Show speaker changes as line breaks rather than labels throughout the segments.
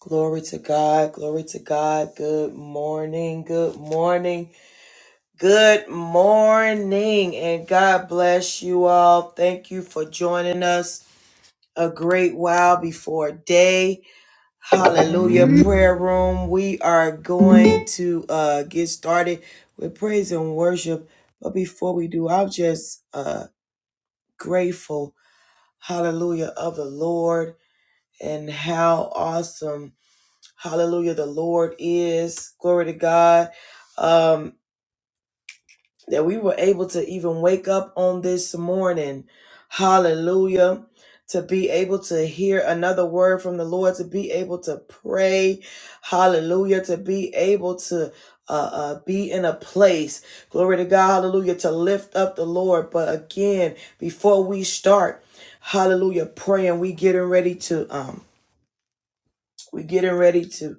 Glory to God. Glory to God. Good morning. Good morning. Good morning. And God bless you all. Thank you for joining us a great while before day. Hallelujah. Prayer room. We are going to uh, get started with praise and worship. But before we do, I'm just uh, grateful. Hallelujah of the Lord and how awesome. Hallelujah. The Lord is. Glory to God. Um, that we were able to even wake up on this morning. Hallelujah. To be able to hear another word from the Lord, to be able to pray. Hallelujah. To be able to uh, uh, be in a place. Glory to God. Hallelujah. To lift up the Lord. But again, before we start, hallelujah, praying, we getting ready to, um, we getting ready to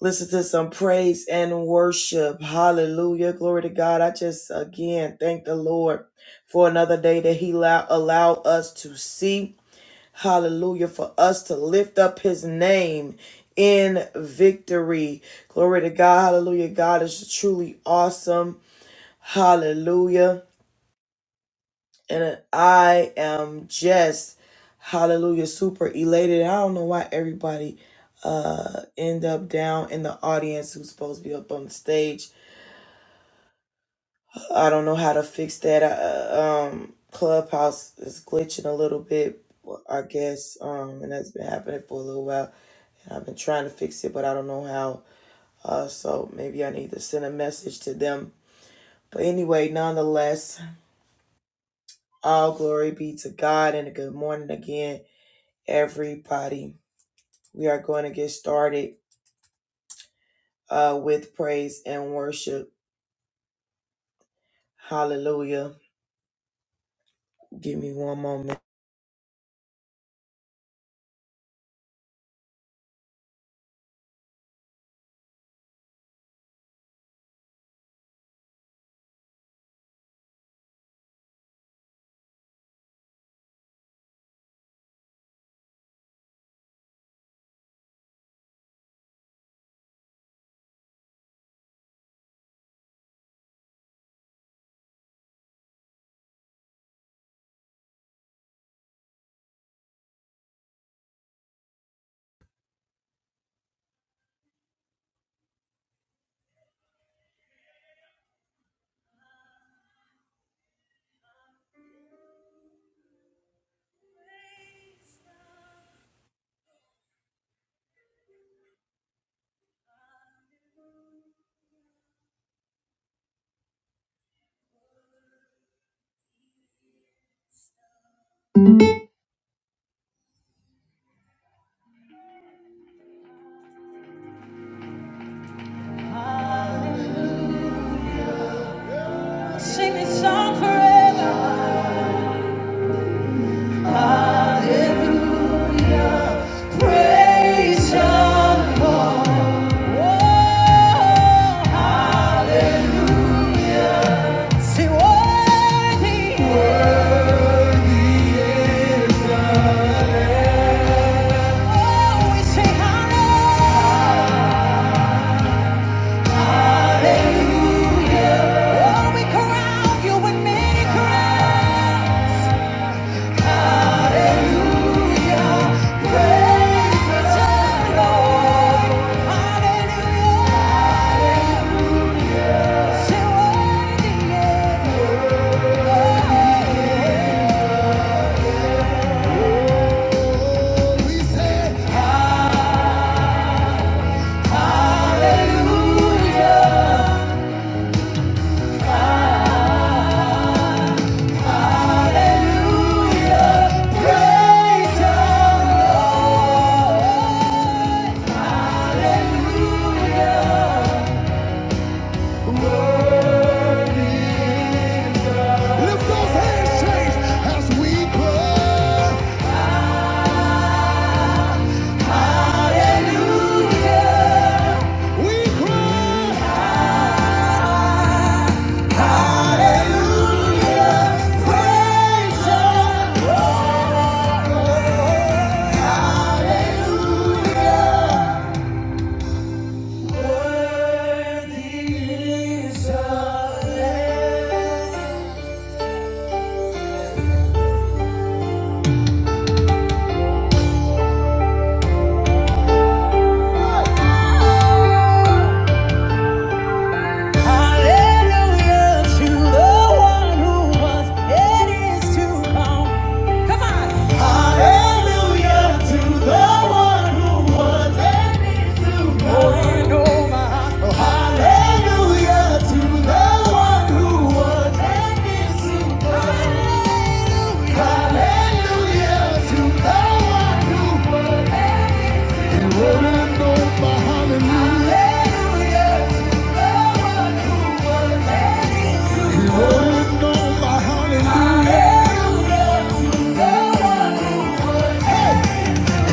Listen to some praise and worship. Hallelujah. Glory to God. I just again thank the Lord for another day that He allow, allow us to see. Hallelujah. For us to lift up His name in victory. Glory to God. Hallelujah. God is truly awesome. Hallelujah and I am just hallelujah super elated. I don't know why everybody uh end up down in the audience who's supposed to be up on the stage. I don't know how to fix that. Uh, um Clubhouse is glitching a little bit, well, I guess. Um and that's been happening for a little while. And I've been trying to fix it, but I don't know how. Uh so maybe I need to send a message to them. But anyway, nonetheless, all glory be to God and a good morning again everybody. We are going to get started uh, with praise and worship. Hallelujah. Give me one moment. Sing this song forever. Hallelujah. Praise the Lord. Oh, hallelujah. Say, worthy. Worthy is the Lamb. Oh, we say, hallelujah. Oh, we crown you with many crowns. Hallelujah. Praise the Lord. Hallelujah. Say, We say, Hallelujah. Lift those handshakes as we cry. Hallelujah. We cry. Hallelujah. Praise Hallelujah. Worthy is the Lamb. Hallelujah to the one who was and is to come. Come on. Hallelujah to the one who was and is to Oh, come. oh, Hallelujah to the one who was and is to come. hallelujah. to the one who was and is to come. You wouldn't know my hallelujah. Hallelujah to the one who was and is to come. You wouldn't know my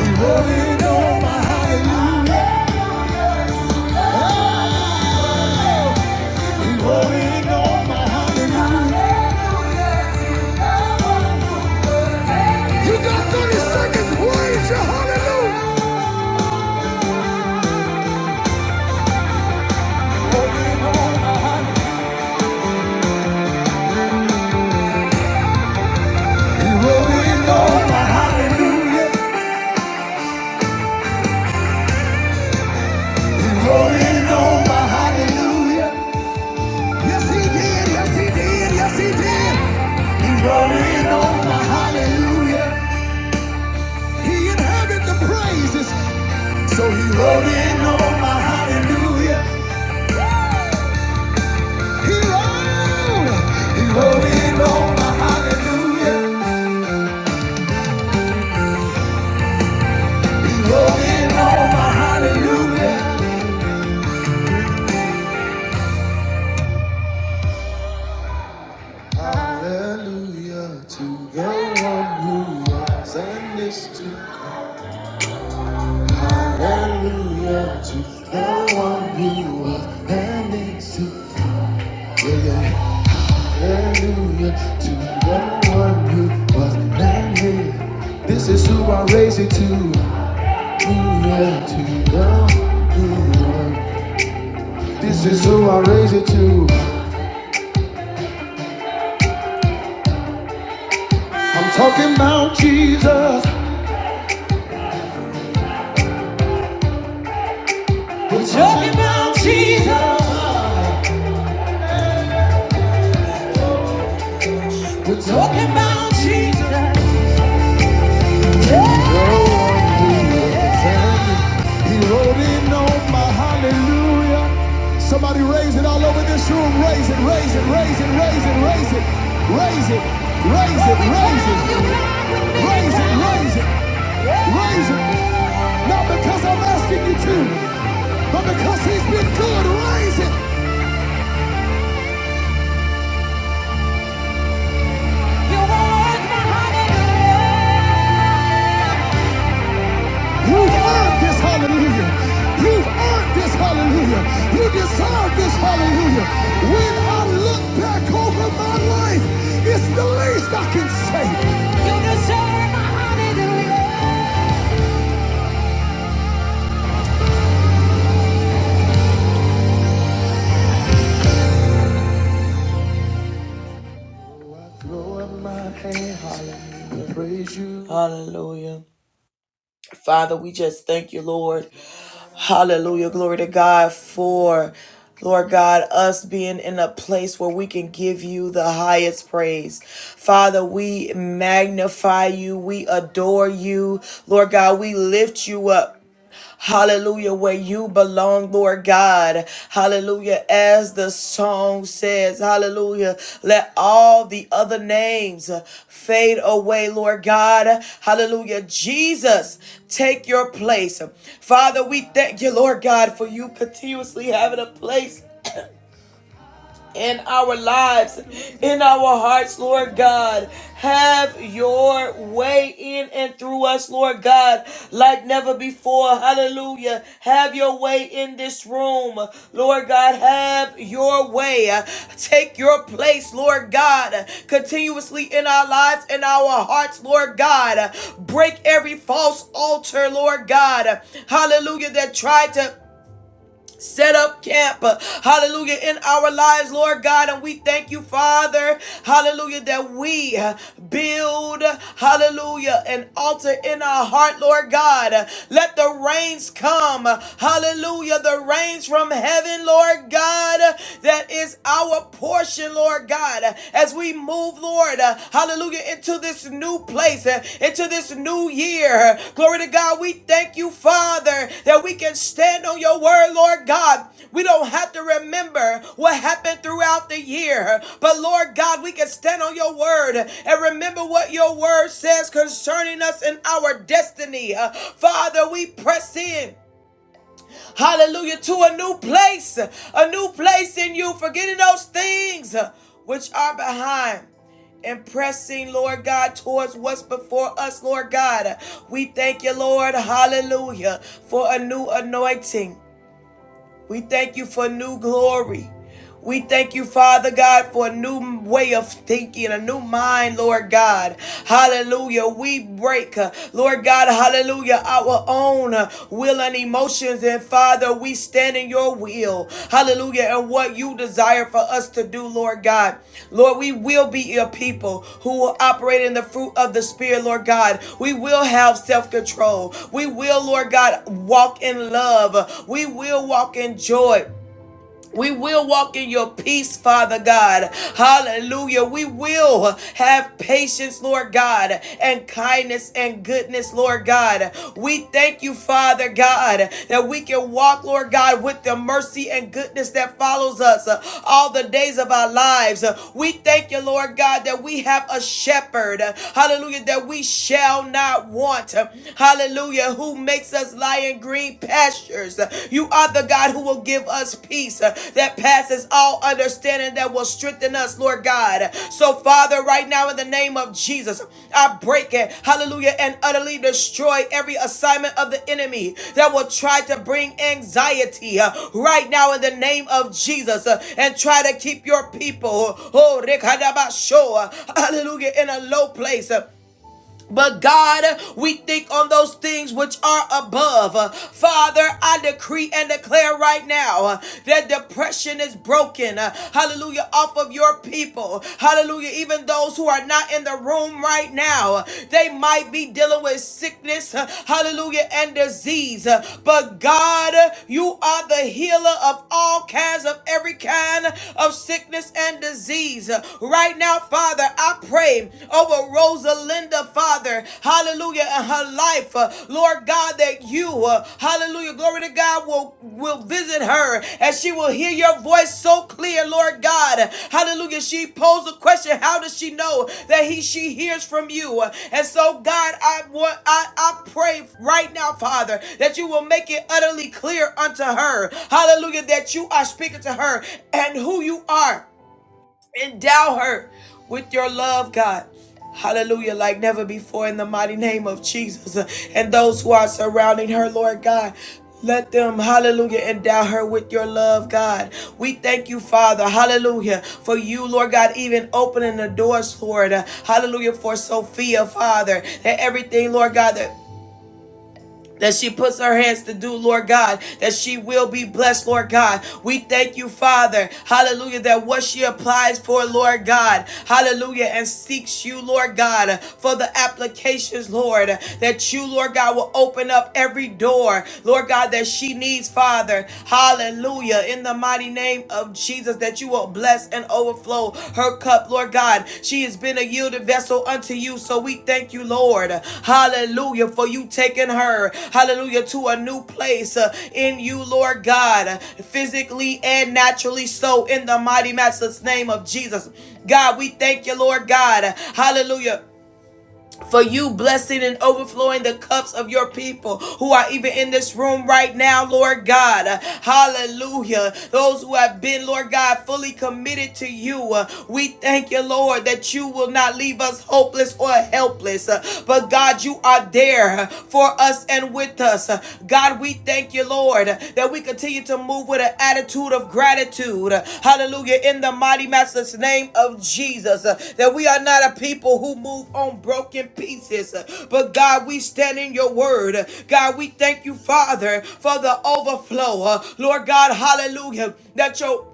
Holding on my hallelujah. Holding on my hallelujah. You got 30 seconds. Raise your hallelujah. He holding on my hallelujah. He holding on my hallelujah. Yes, he did. Yes, he did. Yes, he did. He holding on my hallelujah. He inhabits praises. So he holding on my hallelujah. He hallelujah. hallelujah. Hallelujah to the one who was and is to Hallelujah to the one who was and is to Yeah, yeah. Hallelujah to the one who was and is. This is who I raise it to. Hallelujah to the one. who was. This is who I raise it to. I'm talking about Jesus. We're talking about Jesus. We're talking about Jesus. Oh, he wrote in on my hallelujah. Somebody raise it all over this room. Raise it, raise it, raise it, raise it, raise it, raise it, raise it, raise it, raise it, raise it, raise it. Not because I'm asking you to, but because he's been good. Raise it. You have earned this hallelujah. You've earned this hallelujah. You deserve this hallelujah. When I look back over my life, it's the least I can say. You deserve my hallelujah. Throw up my hand, hallelujah. Praise you. Hallelujah. Father, we just thank you, Lord. Hallelujah. Glory to God for, Lord God, us being in a place where we can give you the highest praise. Father, we magnify you. We adore you. Lord God, we lift you up. Hallelujah, where you belong, Lord God. Hallelujah, as the song says, Hallelujah, let all the other names fade away, Lord God. Hallelujah, Jesus, take your place. Father, we thank you, Lord God, for you continuously having a place in our lives, in our hearts, Lord God. Have your way in and through us, Lord God, like never before. Hallelujah. Have your way in this room, Lord God. Have your way. Take your place, Lord God, continuously in our lives and our hearts, Lord God. Break every false altar, Lord God. Hallelujah, that tried to set up camp, uh, hallelujah, in our lives, Lord God. And we thank you, Father, hallelujah, that we uh, build, hallelujah, an altar in our heart, Lord God. Uh, Let the rains come, uh, hallelujah, the rains from heaven, Lord God, uh, that is our portion, Lord God. Uh, As we move, Lord, Hallelujah. Into this new place, uh, into this new year. Glory to God. We thank you, Father, that we can stand on your word, Lord God. We don't have to remember what happened throughout the year. But Lord God, we can stand on your word and remember what your word says concerning us and our destiny. Uh, Father, we press in. Hallelujah. To a new place, a new place in you, forgetting those things which are behind and pressing, Lord God, towards what's before us, Lord God. We thank you, Lord, hallelujah, for a new anointing. We thank you for new glory. We thank you, Father God, for a new way of thinking, a new mind, Lord God. Hallelujah. We break, uh, Lord God, hallelujah, our own uh, will and emotions. And Father, we stand in your will. Hallelujah. And what you desire for us to do, Lord God. Lord, we will be your people who will operate in the fruit of the Spirit, Lord God. We will have self control. We will, Lord God, walk in love. We will walk in joy. We will walk in your peace, Father God. Hallelujah. We will have patience, Lord God, and kindness and goodness, Lord God. We thank you, Father God, that we can walk, Lord God, with the mercy and goodness that follows us uh, all the days of our lives. Uh, We thank you, Lord God, that we have a shepherd. uh, Hallelujah. That we shall not want. uh, Hallelujah. Who makes us lie in green pastures. You are the God who will give us peace uh, that passes all understanding that will strengthen us, Lord God. So, Father, right now in the name of Jesus, I break it, hallelujah, and utterly destroy every assignment of the enemy that will try to bring anxiety uh, right now in the name of Jesus uh, and try to keep your people, oh, Rekadabasho, uh, hallelujah, in a low place. uh, but God, we think on those things which are above. Uh, Father, I decree and declare right now uh, that depression is broken. uh, Hallelujah. Off of your people. Hallelujah. Even those who are not in the room right now, uh, they might be dealing with sickness. uh, Hallelujah. And disease. Uh, But God, uh, you are the healer of all kinds of every kind of sickness and disease. Uh, Right now, Father, I pray over Rosalinda, Father, hallelujah, and her life, uh, Lord God, that you, uh, hallelujah, glory to God, will, will visit her and she will hear your voice so clear, Lord God, hallelujah. She posed a question, how does she know that he she hears from you? And so, God, I want I, I pray right now, Father, that you will make it utterly clear unto her, hallelujah, that you are speaking to her and who you are Endow her with your love, God. Hallelujah, like never before in the mighty name of Jesus. And those who are surrounding her, Lord God. Let them, hallelujah, endow her with your love, God. We thank you, Father, hallelujah, for you, Lord God, even opening the doors, Lord, hallelujah, for Sophia, Father, that everything, Lord God, that that she puts her hands to do, Lord God, that she will be blessed, Lord God. We thank you, Father, hallelujah, that what she applies for, Lord God, hallelujah, and seeks you, Lord God, for the applications, Lord, that you, Lord God, will open up every door, Lord God, that she needs, Father, hallelujah, in the mighty name of of Jesus that you will bless and overflow her cup, Lord God. She has been a yielded vessel unto you, so we thank you, Lord. Hallelujah, for you taking her, hallelujah, to a new place uh, in you, Lord God, physically and naturally so, in the mighty master's name of Jesus. God, we thank you, Lord God. Hallelujah for you blessing and overflowing the cups of your people who are even in this room right now, Lord God. Uh, Hallelujah. Those who have been, Lord God, fully committed to you. Uh, We thank you, Lord, that you will not leave us hopeless or helpless. Uh, But God, you are there uh, for us and with us. Uh, God, God, we thank you, Lord, that we continue to move with an attitude of gratitude. Hallelujah. In the mighty master's name of Jesus, that we are not a people who move on broken pieces, but God, we stand in your word. God, we thank you, Father, for the overflow. Lord God, hallelujah, that your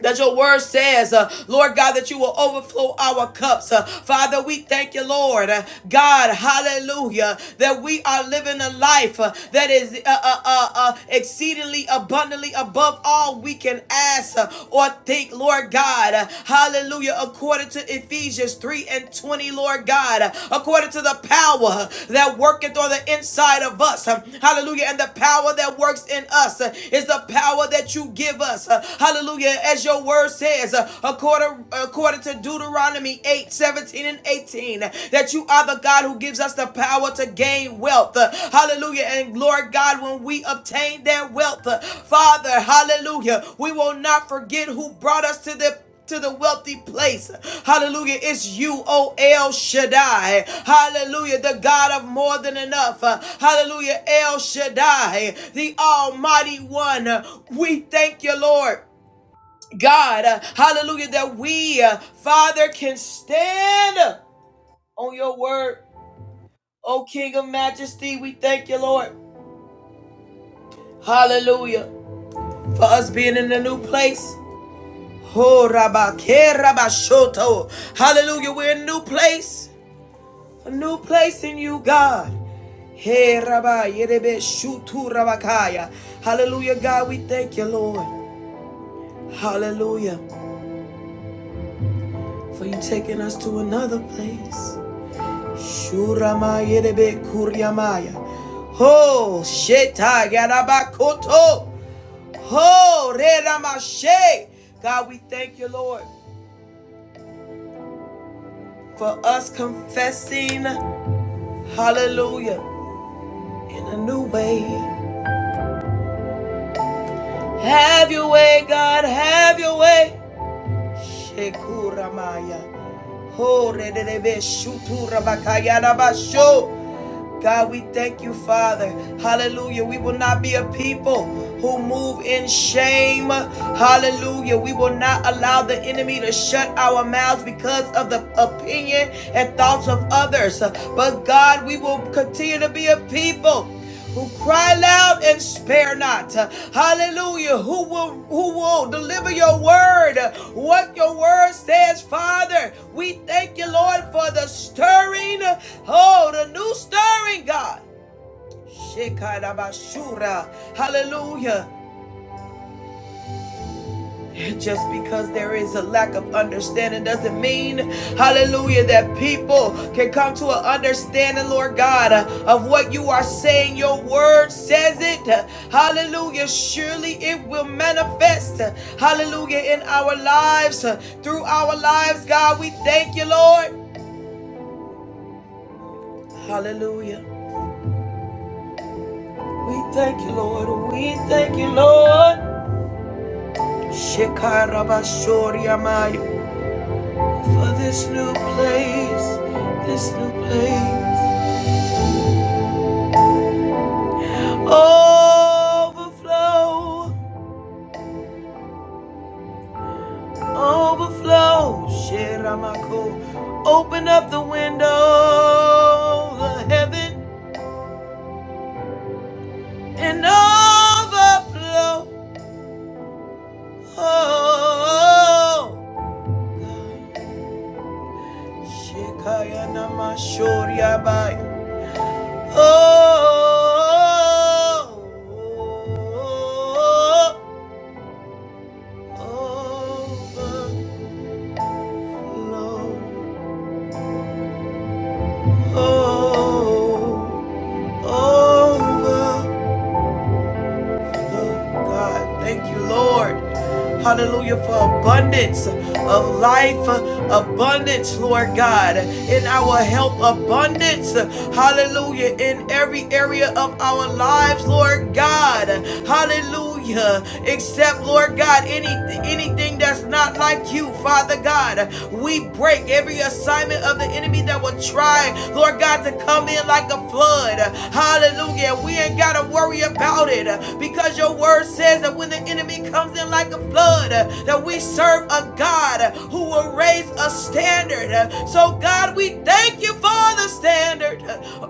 that your word says, uh, Lord God, that you will overflow our cups. Uh, Father, we thank you, Lord. Uh, God, hallelujah, that we are living a life uh, that is uh, uh, uh, uh, exceedingly abundantly above all we can ask uh, or think, Lord God. Uh, hallelujah, according to Ephesians 3 and 20, Lord God, uh, according to the power that worketh on the inside of us. Uh, hallelujah, and the power that works in us uh, is the power that you give us. Uh, hallelujah hallelujah, as your word says, uh, according, according to Deuteronomy 8 17 and 18, that you are the God who gives us the power to gain wealth, Uh, hallelujah. And Lord God, when we obtain that wealth, uh, Father, hallelujah, we will not forget who brought us to the to the wealthy place. Hallelujah. It's you, O El Shaddai. Hallelujah. The God of more than enough. Uh, Hallelujah. El Shaddai, the Almighty One. We thank you, Lord. God, uh, hallelujah, that we, uh, Father, can stand on your word. Oh, King of Majesty, we thank you, Lord. Hallelujah, for us being in a new place. Oh, Rabba, Ke Rabba Shoto. Hallelujah, we're in a new place, a new place in you, God. Hey, Rabba, Yerebe Shutu Rabakaya. Hallelujah, God, we thank you, Lord. Hallelujah, for you taking us to another place. Shuramayerebe kuryamaya. Ho sheta yarabakoto. Ho reramashe. God, we thank you, Lord, for us confessing. Hallelujah. In a new way. Have your way, God. Have your way. Shekuramaya. Ho rerebe shuturabakaya rabasho. God, we thank you, Father. Hallelujah. We will not be a people who move in shame. Hallelujah. We will not allow the enemy to shut our mouths because of the opinion and thoughts of others. But God, we will continue to be a people who cry loud and spare not. Hallelujah. Who will who will deliver your word? What your word says, Father. We thank you, Lord, for the stirring. Oh, the new stirring, God. Hallelujah. Just because there is a lack of understanding doesn't mean, hallelujah, that people can come to an understanding, Lord God, uh, of what you are saying. Your word says it. Hallelujah. Surely it will manifest, hallelujah, in our lives, uh, through our lives, God. We thank you, Lord. Hallelujah. We thank you, Lord. We thank you, Lord. Shekarabashoriamai. for this new place, this new place. Overflow, overflow. Sheramako, open up the window, the heaven, and overflow. Oh, Shekaya Namashoriabai. Oh, oh, oh, oh, oh, oh. No. Oh, over. Oh, God. Thank you, Lord. Hallelujah for abundance of life, abundance, Lord God, in our health, abundance, hallelujah, in every area of our lives, Lord God, hallelujah. hallelujah except lord god any anything that's not like you father god we break every assignment of the enemy that will try lord god to come in like a flood hallelujah we ain't gotta worry about it because your word says that when the enemy comes in like a flood that we serve a god who will raise a standard so god we thank you for the standard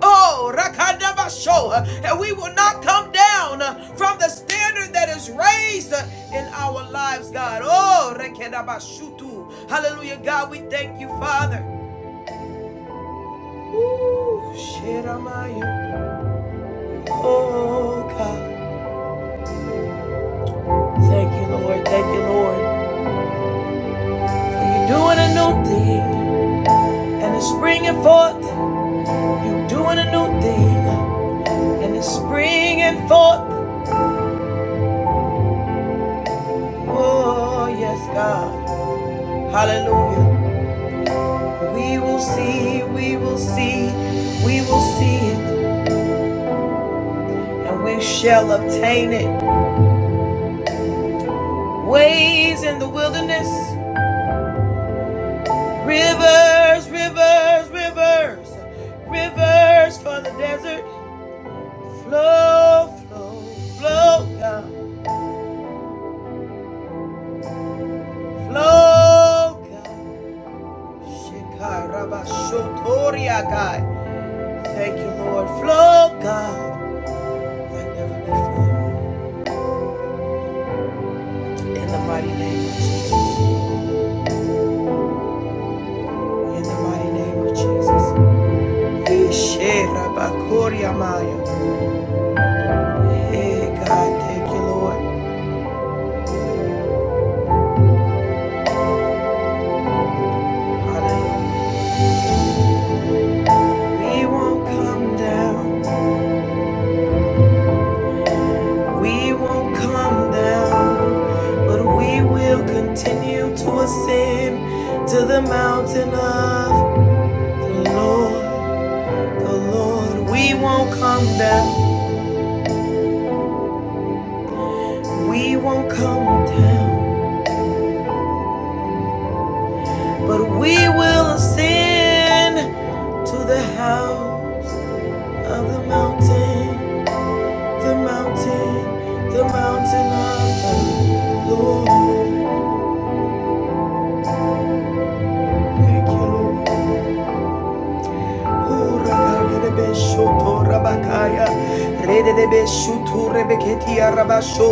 oh rakadabasho and we will not come down from the standard that is raised in our lives, God. Oh, rekedabashutu. hallelujah, God. We thank you, Father. Ooh, shiramaya. Oh, God. Thank you, Lord. Thank you, Lord. For you're doing a new thing, and it's springing forth. You're doing a new thing, and it's springing forth. Oh, yes, God. Hallelujah. We will see, we will see, we will see it. and we shall obtain it. Ways in the wilderness, rivers, rivers, rivers, rivers for the desert. Flow, flow, flow, God, flow, God. Shekarabashotoria, God. Thank you, Lord. Flow, God, like never before. In the mighty name of Jesus. In the mighty name of Jesus. Yesherabakoria Maya. Hey God, thank you, Lord. Hallelujah. We won't come down. We won't come down. But we will continue to ascend to the mountain of the Lord. The Lord. We won't come down. We won't come down. But we will ascend to the house of the mountain. the mountain, the mountain of the Lord. Thank you, Lord. Urakaya de Beshoto Rabakaya, Rede de Beshutu Rebeketia Rabasho,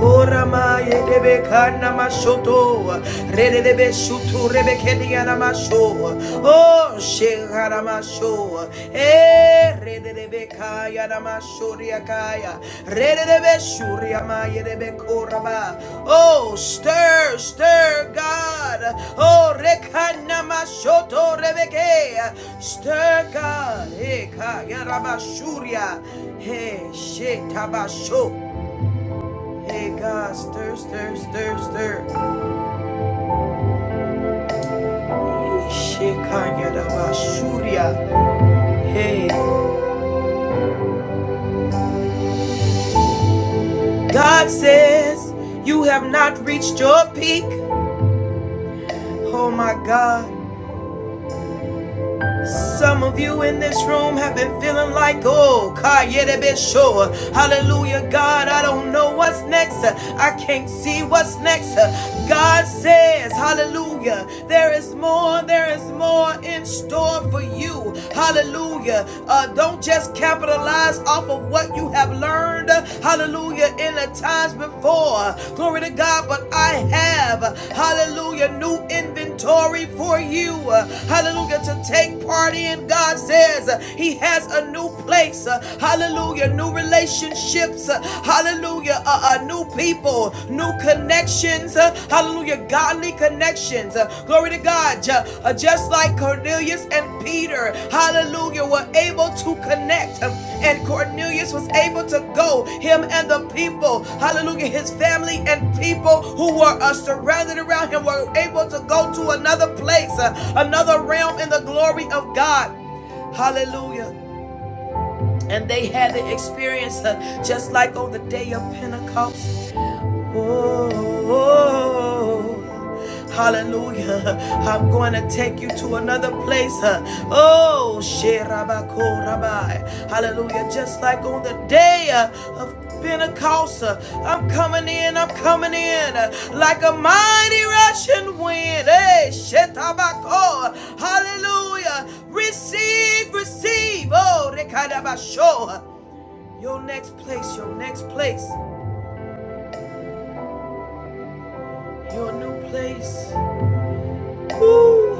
Oramaya de Bekana Mashoto, Rede de Beshutu Rebeketia Namasho, Oh Sheharamasho, Eh. Redebekaya Ramashuriakaya. Redebe Rebekoraba. Oh, stir, stir, God. Oh, Rekanamashoto Rebeke. Stir, God. Ekaya Ramashuria. Hey, Shetabasho. Hey, God, stir, stir, stir, stir. Shekaya Rabashuria. Hey, God says, You have not reached your peak. Oh my God. Some of you in this room have been feeling like, oh, Kayede Beshoa. Hallelujah, God. I don't know what's next. I can't see what's next. God says, hallelujah, there is more, there is more in store for you do. Hallelujah. Uh, don't just capitalize off of what you have learned. Hallelujah. In the times before. Glory to God. But I have, hallelujah, new inventory for you. Hallelujah. To take part in. God says uh, He has a new place. uh, Hallelujah. New relationships. uh, Hallelujah. Uh, uh, new people new connections. uh, Hallelujah. Godly connections. Uh, Glory to God. uh, Just like Cornelius and Peter, hallelujah, were able to connect. um, And Cornelius was able to go, him and the people, hallelujah, his family and people who were uh, surrounded around him were able to go to another place, uh, another realm in the glory of God. Hallelujah. And they had the experience uh, just like on the day of Pentecost. Oh, hallelujah. I'm going to take you to another place. huh? Oh, Sherabako Hallelujah. Just like on the day uh, of Pentecost, uh, I'm coming in, I'm coming in uh, like a mighty rushing wind. Hey, Shetabako. Hallelujah. Receive, receive. Oh, Rekadabasho. Your next place, your next place, your new place. Ooh,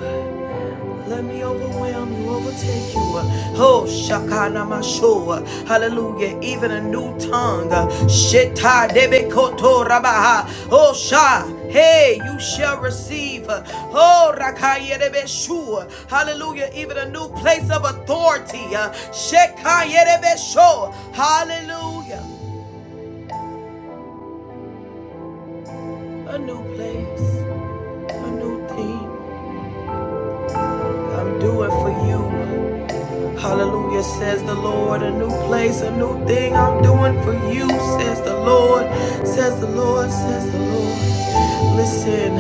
Let me overwhelm you, overtake you. Oh, Shakana Mashua. Hallelujah. Even a new tongue. Sheta debe koto rabaha. Oh, Sha. Hey, you shall receive. Oh, Rakaya debe shu. Hallelujah. Even a new place of authority. Shekaya debe sho. Hallelujah. A new place, a new thing. I'm doing for you. Hallelujah, says the Lord. A new place, a new thing I'm doing for you, says the Lord. Says the Lord, says the Lord. Listen,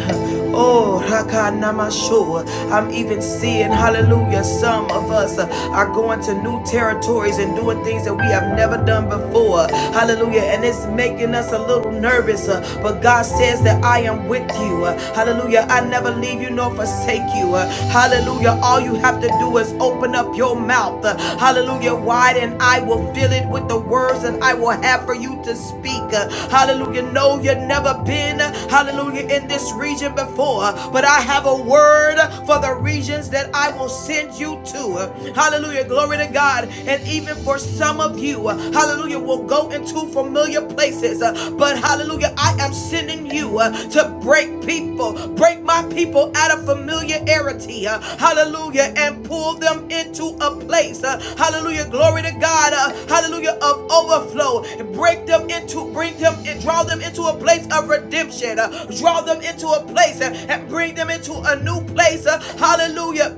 oh, Rakanamashu. I'm even seeing, hallelujah, some of us uh, are going to new territories and doing things that we have never done before. Hallelujah, and it's making us a little nervous, uh, but God says that I am with you. Hallelujah. I never leave you nor forsake you. Uh, Hallelujah. All you have to do is open up your mouth. Uh, Hallelujah. Wide and I will fill it with the words that I will have for you to speak. Uh, Hallelujah. No, you've never been, uh, hallelujah, in this region before, uh, but I have a word uh, for the regions that I will send you to. Uh, Hallelujah. Glory to God. And even for some of you, uh, hallelujah, you will go into familiar places. Uh, But hallelujah, I am sending you uh, to break people, break my people out of familiarity. uh, Hallelujah, and pull them into a place. uh, Hallelujah, glory to God. uh, Hallelujah, of overflow. Break them into, bring them and draw them into a place of redemption. uh, Draw them into a place uh, and bring them into a new place. uh, Hallelujah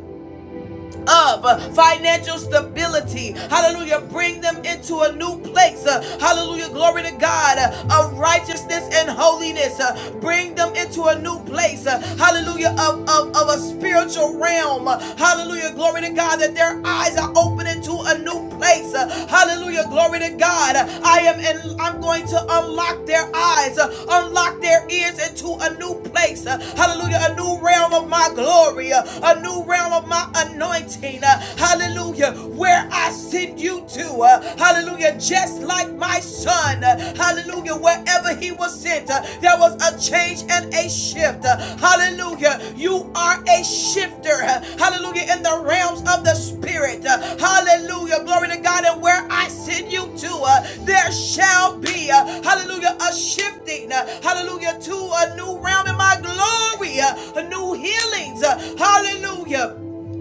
of uh, financial stability. Hallelujah. Bring them into a new place. Uh, Hallelujah. Glory to God uh, of righteousness and holiness. Uh, Bring them into a new place. Uh, Hallelujah. Of, of, of a spiritual realm. Uh, Hallelujah. Glory to God that their eyes are opening to a new place. Uh, Hallelujah. Glory to God. I am and I'm going to unlock their eyes, uh, unlock their ears into a new place. Uh, Hallelujah. A new realm of my glory. Uh, A new realm of my anointing. uh, Hallelujah. Where I send you to. uh, Hallelujah. Just like my son. uh, Hallelujah. Wherever he was sent, uh, there was a change and a shift. uh, Hallelujah. You are a shifter. uh, Hallelujah. In the realms of the spirit. uh, Hallelujah. Glory to God. And where I send you to, uh, there shall be. uh, Hallelujah. A shifting. uh, Hallelujah. To a new realm in my glory. uh, A new healings. uh, Hallelujah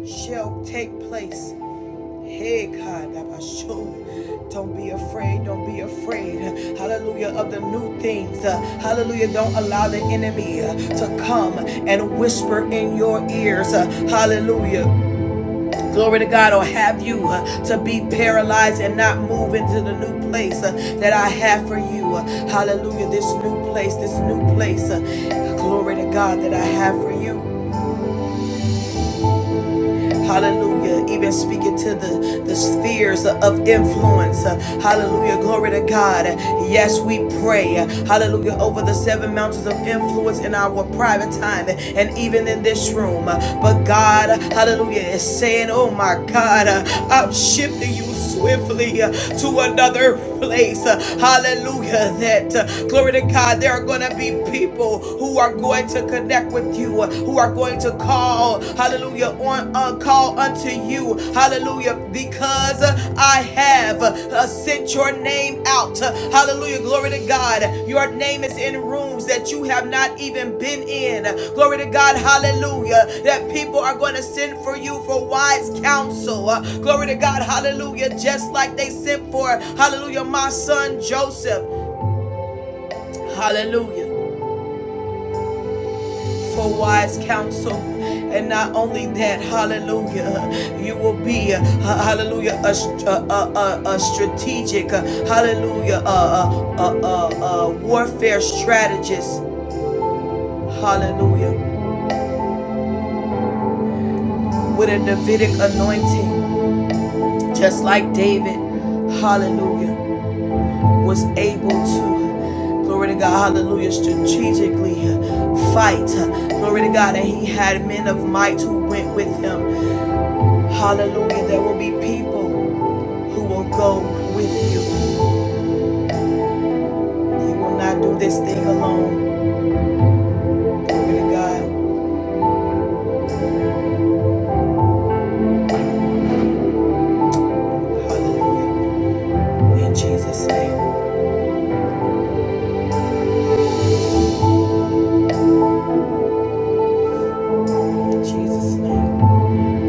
shall take place. Hey, God, that sure. don't be afraid, don't be afraid. Hallelujah of the new things. Uh, Hallelujah, don't allow the enemy uh, to come and whisper in your ears. Uh, Hallelujah. Glory to God, or have you uh, to be paralyzed and not move into the new place uh, that I have for you. Uh, Hallelujah, this new place, this new place. uh, Glory to God that I have for you. Hallelujah. Even speaking to the, the spheres of influence. Uh, Hallelujah. Glory to God. Yes, we pray. Hallelujah. Over the seven mountains of influence in our private time and even in this room. But God, hallelujah, is saying, Oh my God, I'm shifting you moving swiftly uh, to another place. Uh, Hallelujah. That uh, glory to God, there are going to be people who are going to connect with you, uh, who are going to call, hallelujah, on uh, call unto you. Hallelujah, because uh, I have uh, sent your name out. Hallelujah. Glory to God. Your name is in rooms that you have not even been in. Glory to God. Hallelujah. That people are going to send for you for wise counsel. Uh, Glory to God. Hallelujah. Just like they sent for, hallelujah, my son Joseph. Hallelujah. for wise counsel. And not only that, hallelujah, you will be, uh, hallelujah, a, a, a, a strategic, uh, hallelujah, a, a, a a warfare strategist, hallelujah, with a Davidic anointing, just like David, hallelujah, was able to, glory to God, hallelujah, strategically uh, fight, uh, glory to God, and he had men of might who went with him, Hallelujah. There will be people who will go with you. You will not do this thing alone. Glory to God. Hallelujah. In Jesus' name. In Jesus' name.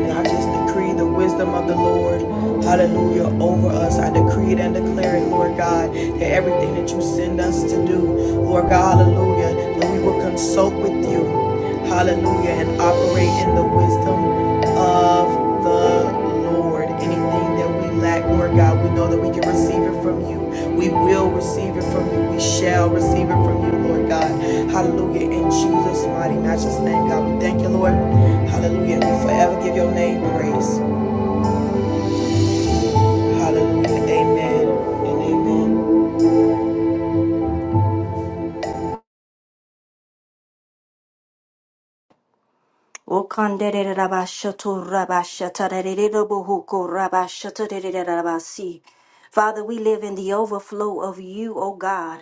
And I just decree the wisdom of the Lord, hallelujah, over us. I decree it and declare it, Lord God, that everything that you send us to do, Lord God, hallelujah, that we will consult with you, hallelujah, and operate in the wisdom of the Lord. Anything that we lack, Lord God, we know that we can receive it from you. We will receive it from you. We shall receive it from you, Lord God. Hallelujah. In Jesus' mighty, matchless name, God. We thank you, Lord. Hallelujah. We forever give your name praise. Hallelujah. Amen. And amen.
Okandere rabashoto rabashata rerebohuko rabashata rererabasi. Father, we live in the overflow of you, O God.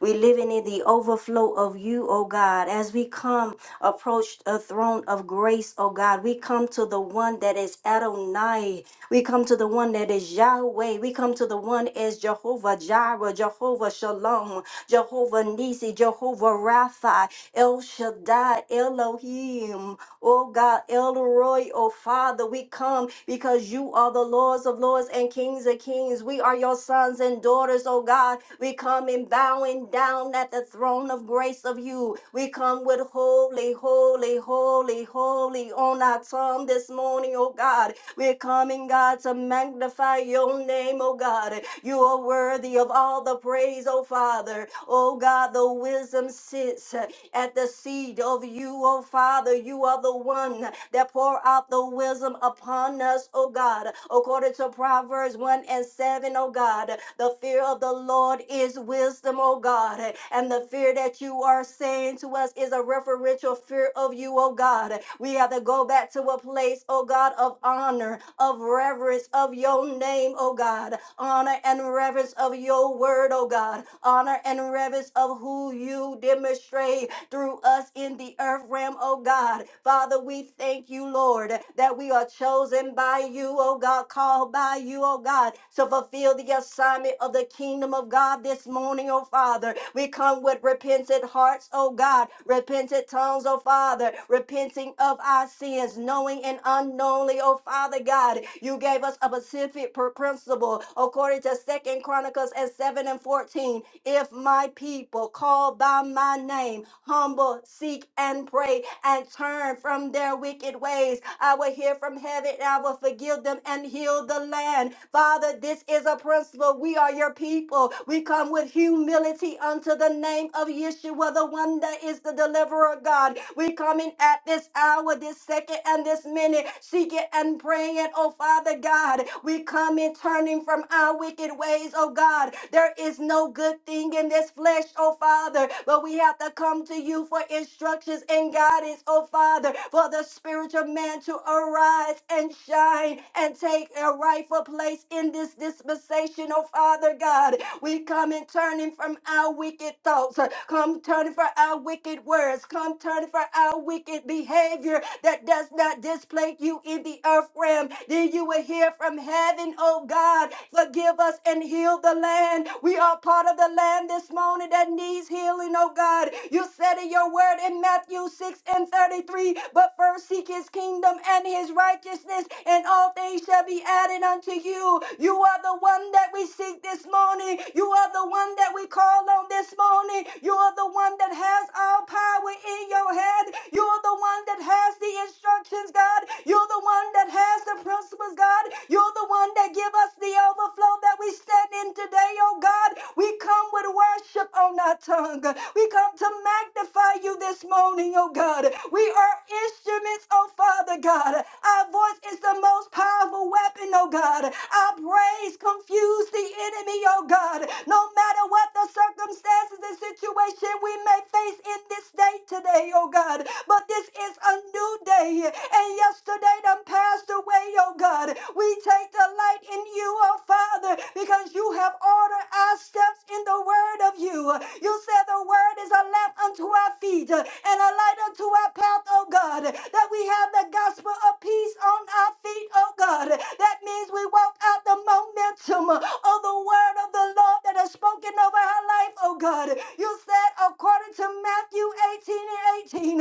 We living in the overflow of you, O God. As we come, approach a throne of grace, O God. We come to the one that is Adonai. We come to the one that is Yahweh. We come to the one as Jehovah Jireh, Jehovah Shalom, Jehovah Nisi, Jehovah Rapha, El Shaddai, Elohim, O God, El Roy, O Father. We come because because you are the Lords of Lords and Kings of Kings. We are your sons and daughters, oh God. We come in bowing down at the throne of grace of you. We come with holy, holy, holy, holy on our tongue this morning, oh God. We're coming, God, to magnify your name, oh God. You are worthy of all the praise, oh Father. Oh God, the wisdom sits at the seed of you, oh Father. You are the one that pour out the wisdom upon us, oh God. According to Proverbs 1 and 7, O God, the fear of the Lord is wisdom, oh God. And the fear that you are saying to us is a referential fear of you, oh God. We have to go back to a place, oh God, of honor, of reverence of your name, oh God. Honor and reverence of your word, oh God. Honor and reverence of who you demonstrate through us in the earth realm, oh God. Father, we thank you, Lord, that we are chosen by you, oh God, called by you, oh God, to fulfill the assignment of the kingdom of God this morning, oh Father. We come with repentant hearts, oh God, repentant tongues, oh Father, repenting of our sins, knowing and unknowingly, oh Father God. You gave us a specific pr- principle people according to second chronicles and 7 and 14 if my people call by my name humble seek and pray and turn from their wicked ways i will hear from heaven and i will forgive them and heal the land father this is a principle we are your people we come with humility unto the name of yeshua the one that is the deliverer god we come in even at this hour, this second, and this minute, seeking and praying, oh Father God. We come in turning from our wicked ways, oh God. There is no good thing in this flesh, oh Father, but we have to come to you for instructions and guidance, oh Father, for the spiritual man to arise and shine and take a rightful place in this dispensation, oh Father God. We come and turning from our wicked thoughts. uh, Come turning for our wicked words. Come turning for our wicked behavior that does not display you in the earth realm. Then you will hear from heaven, oh God, forgive us and heal the land. We are part of the land this morning that needs healing, oh God. You said in your word in Matthew 6 and 33, but first seek his kingdom and his righteousness, and all things shall be added unto you you. You are the one that we seek this morning. You are the one that we call on this morning. You are the one that has all power in your hand. You are the one that has the instructions, God. You're the one that has the principles, God. You're the one that give us the overflow that we stand in today, oh God. We come with worship on our tongue. We come to magnify you this morning, oh God. We are instruments, oh Father God. Our voice is the most powerful weapon, oh God. Our praise confuse the enemy, oh God. No matter what the circumstances and situation we may face in this day today, oh God. But this is a new day, and yesterday done passed away, oh God. We take delight in you, oh Father, because you have ordered our steps in the word of you. You said the word is a lamp unto our feet and a light unto our path mouth, oh God, that we have the gospel of peace on our feet, oh God. That means we walk out the momentum of the word of the Lord that is spoken over our life, oh God. You said, according to Matthew 18 and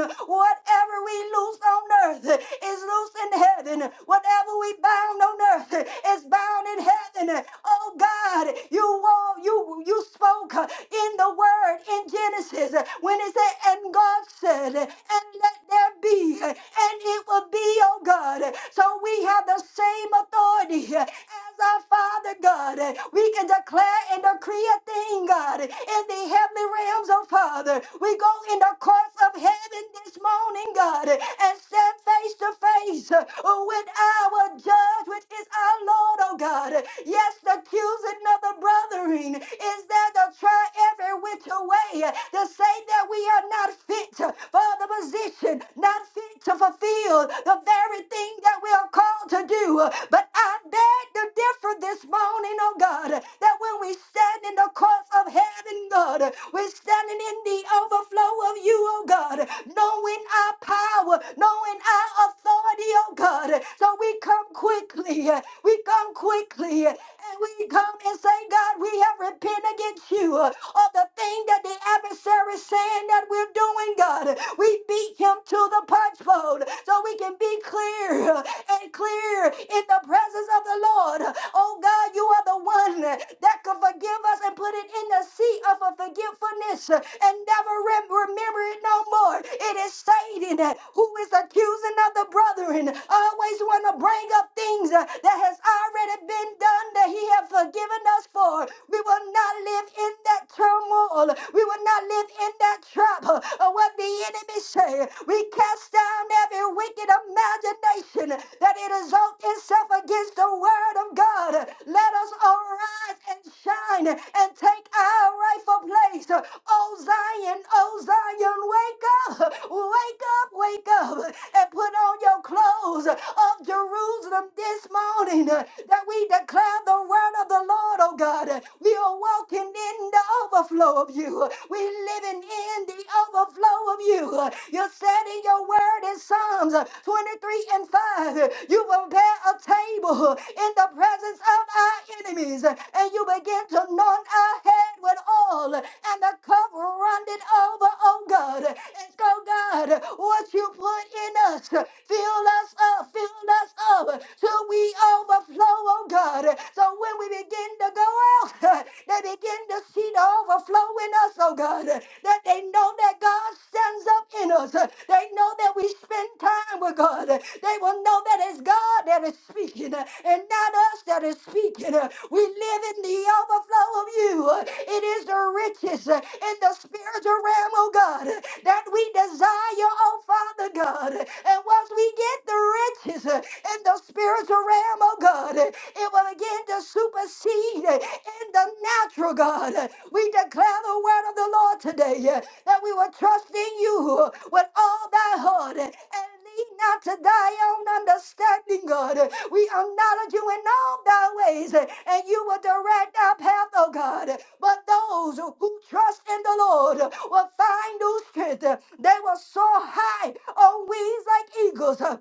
18, whatever we loose on earth is loose in heaven, whatever we bound on earth is bound in heaven. Oh God, you, wa- you, you spoke in the word in Genesis when it said, and God said, and let there be, and it will be, oh God. So we have the same authority as our Father God. We can declare and decree a thing, God, in the heavenly realms, oh Father. We go in the courts of heaven this morning, God, and stand face to face with our judge, which is our Lord, oh God. Yes, the accusing of the brethren is there to try every which way to say that we are not fit for the position, not fit to fulfill the very thing that we are called to do. But I beg to differ this morning, oh God, that when we stand in the courts of heaven, God, we're standing in the overflow of you, oh God, knowing our power, knowing our authority, oh God. So we come quickly, we come quickly and we come and say, God, we have repented against you uh, of the thing that the adversary is saying that we're doing, God. We beat him to the punch bowl so we can be clear uh, and clear in the presence of the Lord. Oh, God, you are the one that could forgive us and put it in the sea of a forgetfulness uh, and never rem- remember it no more. It is Satan uh, who is accusing of the brethren, always want to bring up things uh, that has already been done that he has forgiven us for. We will not live in that turmoil. We will not live in that trap uh, of what the enemy say. We cast down every wicked imagination that it exalt itself against the word of God. Let us arise and shine and take our rightful place. Oh Zion, oh Zion, wake up, wake up, wake up, and put on your clothes of Jerusalem this morning that we declare the word of the Lord, oh God. We are walking in the overflow of you. We living in the overflow of you. You said in your word in Psalms 23 and 5 find you will prepare a table in the presence of our enemies, and you begin to anoint our head with oil and the cup running over, oh God. And so, God, what you put in us, fill us up, fill us up till we overflow, oh God. So when we begin to go out, they begin to see the overflow in us, oh God, that they know that God stands up in us, that they know that we spend time with God. They will know that it's God that is speaking uh, and not us that is speaking. Uh, We live in the overflow of you. Uh, It is the riches uh, in the spiritual realm, oh God, uh, that we desire, oh Father God. And once we get the riches uh, in the spiritual realm, oh God, uh, it will begin to supersede uh, in the natural, God. Uh, We declare the word of the Lord today. uh, that we will trust in you with all thy heart and lean not to thy own understanding, God. We acknowledge you in all thy ways, and you will direct our path, oh God. But those who trust in the Lord will find new strength. They will soar high on wings like eagles.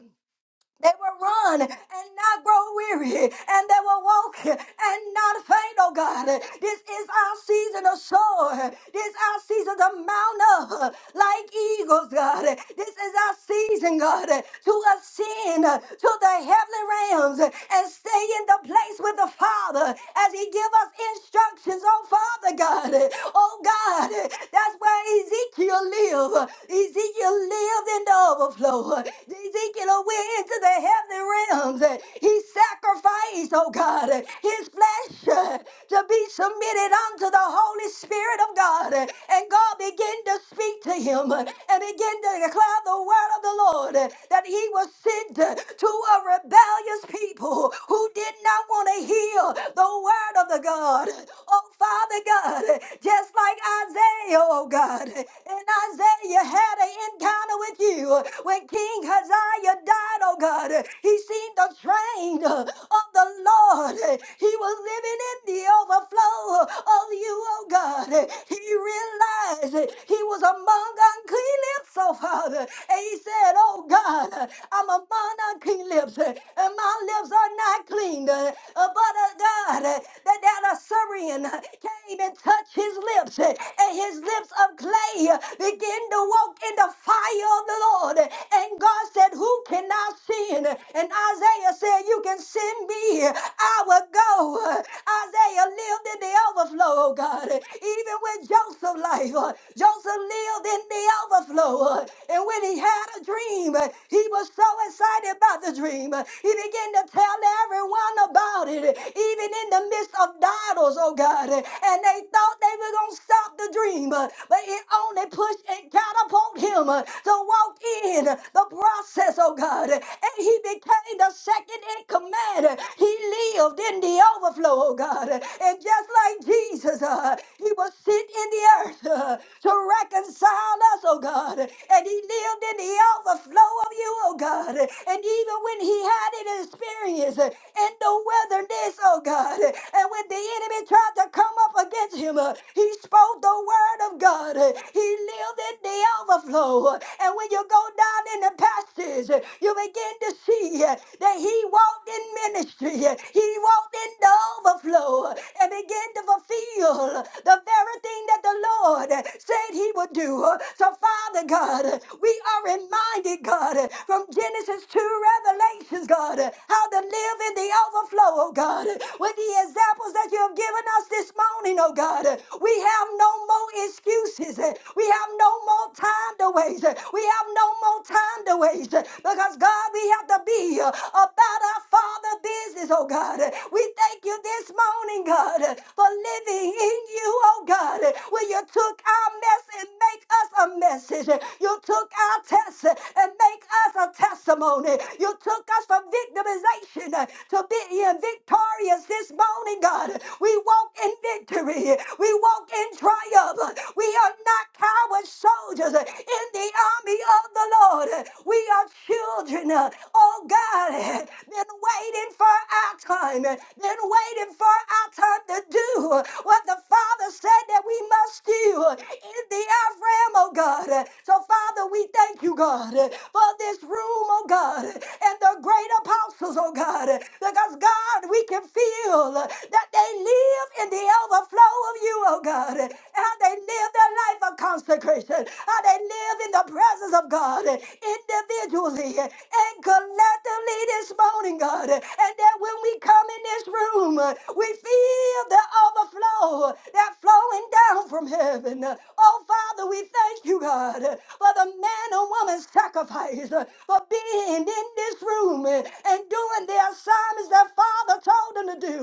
They will run and not grow weary, and they will walk and not faint, oh God. This is our season of soar. This is our season to mount up like eagles, God. This is our season, God, to ascend to the heavenly realms and stay stay in the place with the Father as He give us instructions. Oh, Father God. Oh, God. That's where Ezekiel lived. Ezekiel lived in the overflow. Ezekiel went into the heavenly realms. He sacrificed, oh, God, his flesh to be submitted unto the Holy Spirit of God. And God began to speak to him and began to declare the word of the Lord that he was sent to a rebellious people who did not want to hear the word of the God. Oh, Father God. God, just like Isaiah, oh God. And Isaiah had an encounter with you when King Haziah died, oh God. He seen the train of the Lord. He was living in the overflow of you, oh God. He realized he was among unclean so, Father. And he said, Oh God, uh, I'm among unclean lips, uh, and my lips are not clean. uh, uh, But uh, God, uh, that that Assyrian uh, came and touched his lips, uh, and his lips of clay uh, began to walk in the fire of the Lord. And God said, Who can I sin? And Isaiah said, You can send me, I will go. Isaiah lived in the overflow, oh God, even with Joseph's life. uh, Joseph lived filled in the overflow. And when he had a dream, he was so excited about the dream. He began to tell everyone about it, even in the midst of battles, oh God. And they thought they were going to stop the dream, but it only pushed and catapulted him to walk in the process, oh God. And he became the second in command. He lived in the overflow, oh God. And just like Jesus, uh, he was sitting in the earth. God, to reconcile us, oh God. And he lived in the overflow of you, oh God. And even when he had an experience in the wilderness, oh God, and when the enemy tried to come up against him, uh, he spoke the word of God. He lived in the overflow. And when you go down in the pastures, you begin to see uh, that he walked in ministry. He walked in the overflow and began to fulfill the very everything that the Lord said he would do. So, Father God, we are reminded, God, from Genesis to Revelations, God, how to live in the overflow, oh God, with the examples that you have given us this morning, oh God. We have no more excuses. We have no more time to waste. We have no more time to waste because, God, we have to be about our Father business, oh God. We thank you this morning, God, for living living in you, oh God. When you took our mess and make us a message. You took our test and make us a testimony. You took us from victimization to being victorious this morning, God. We walk in victory. We walk in triumph. We are not coward soldiers in the army of the Lord. We are children, oh God, been waiting for our time, been waiting for our our turn to do what the Father said that we must do in the Ephraim, oh God. So, Father, we thank you, God, for this room, oh God, and the great apostles, oh God, because, God, we can feel that they live in the overflow of you, oh God, and how they live their life of consecration, how they live in the presence of God individually and collectively this morning, God, and that when we come in this room, room. We feel the overflow that flowing down from heaven. Oh, Father, we thank you, God, for the man and woman's sacrifice, for being in this room and doing the assignments that Father told them to do.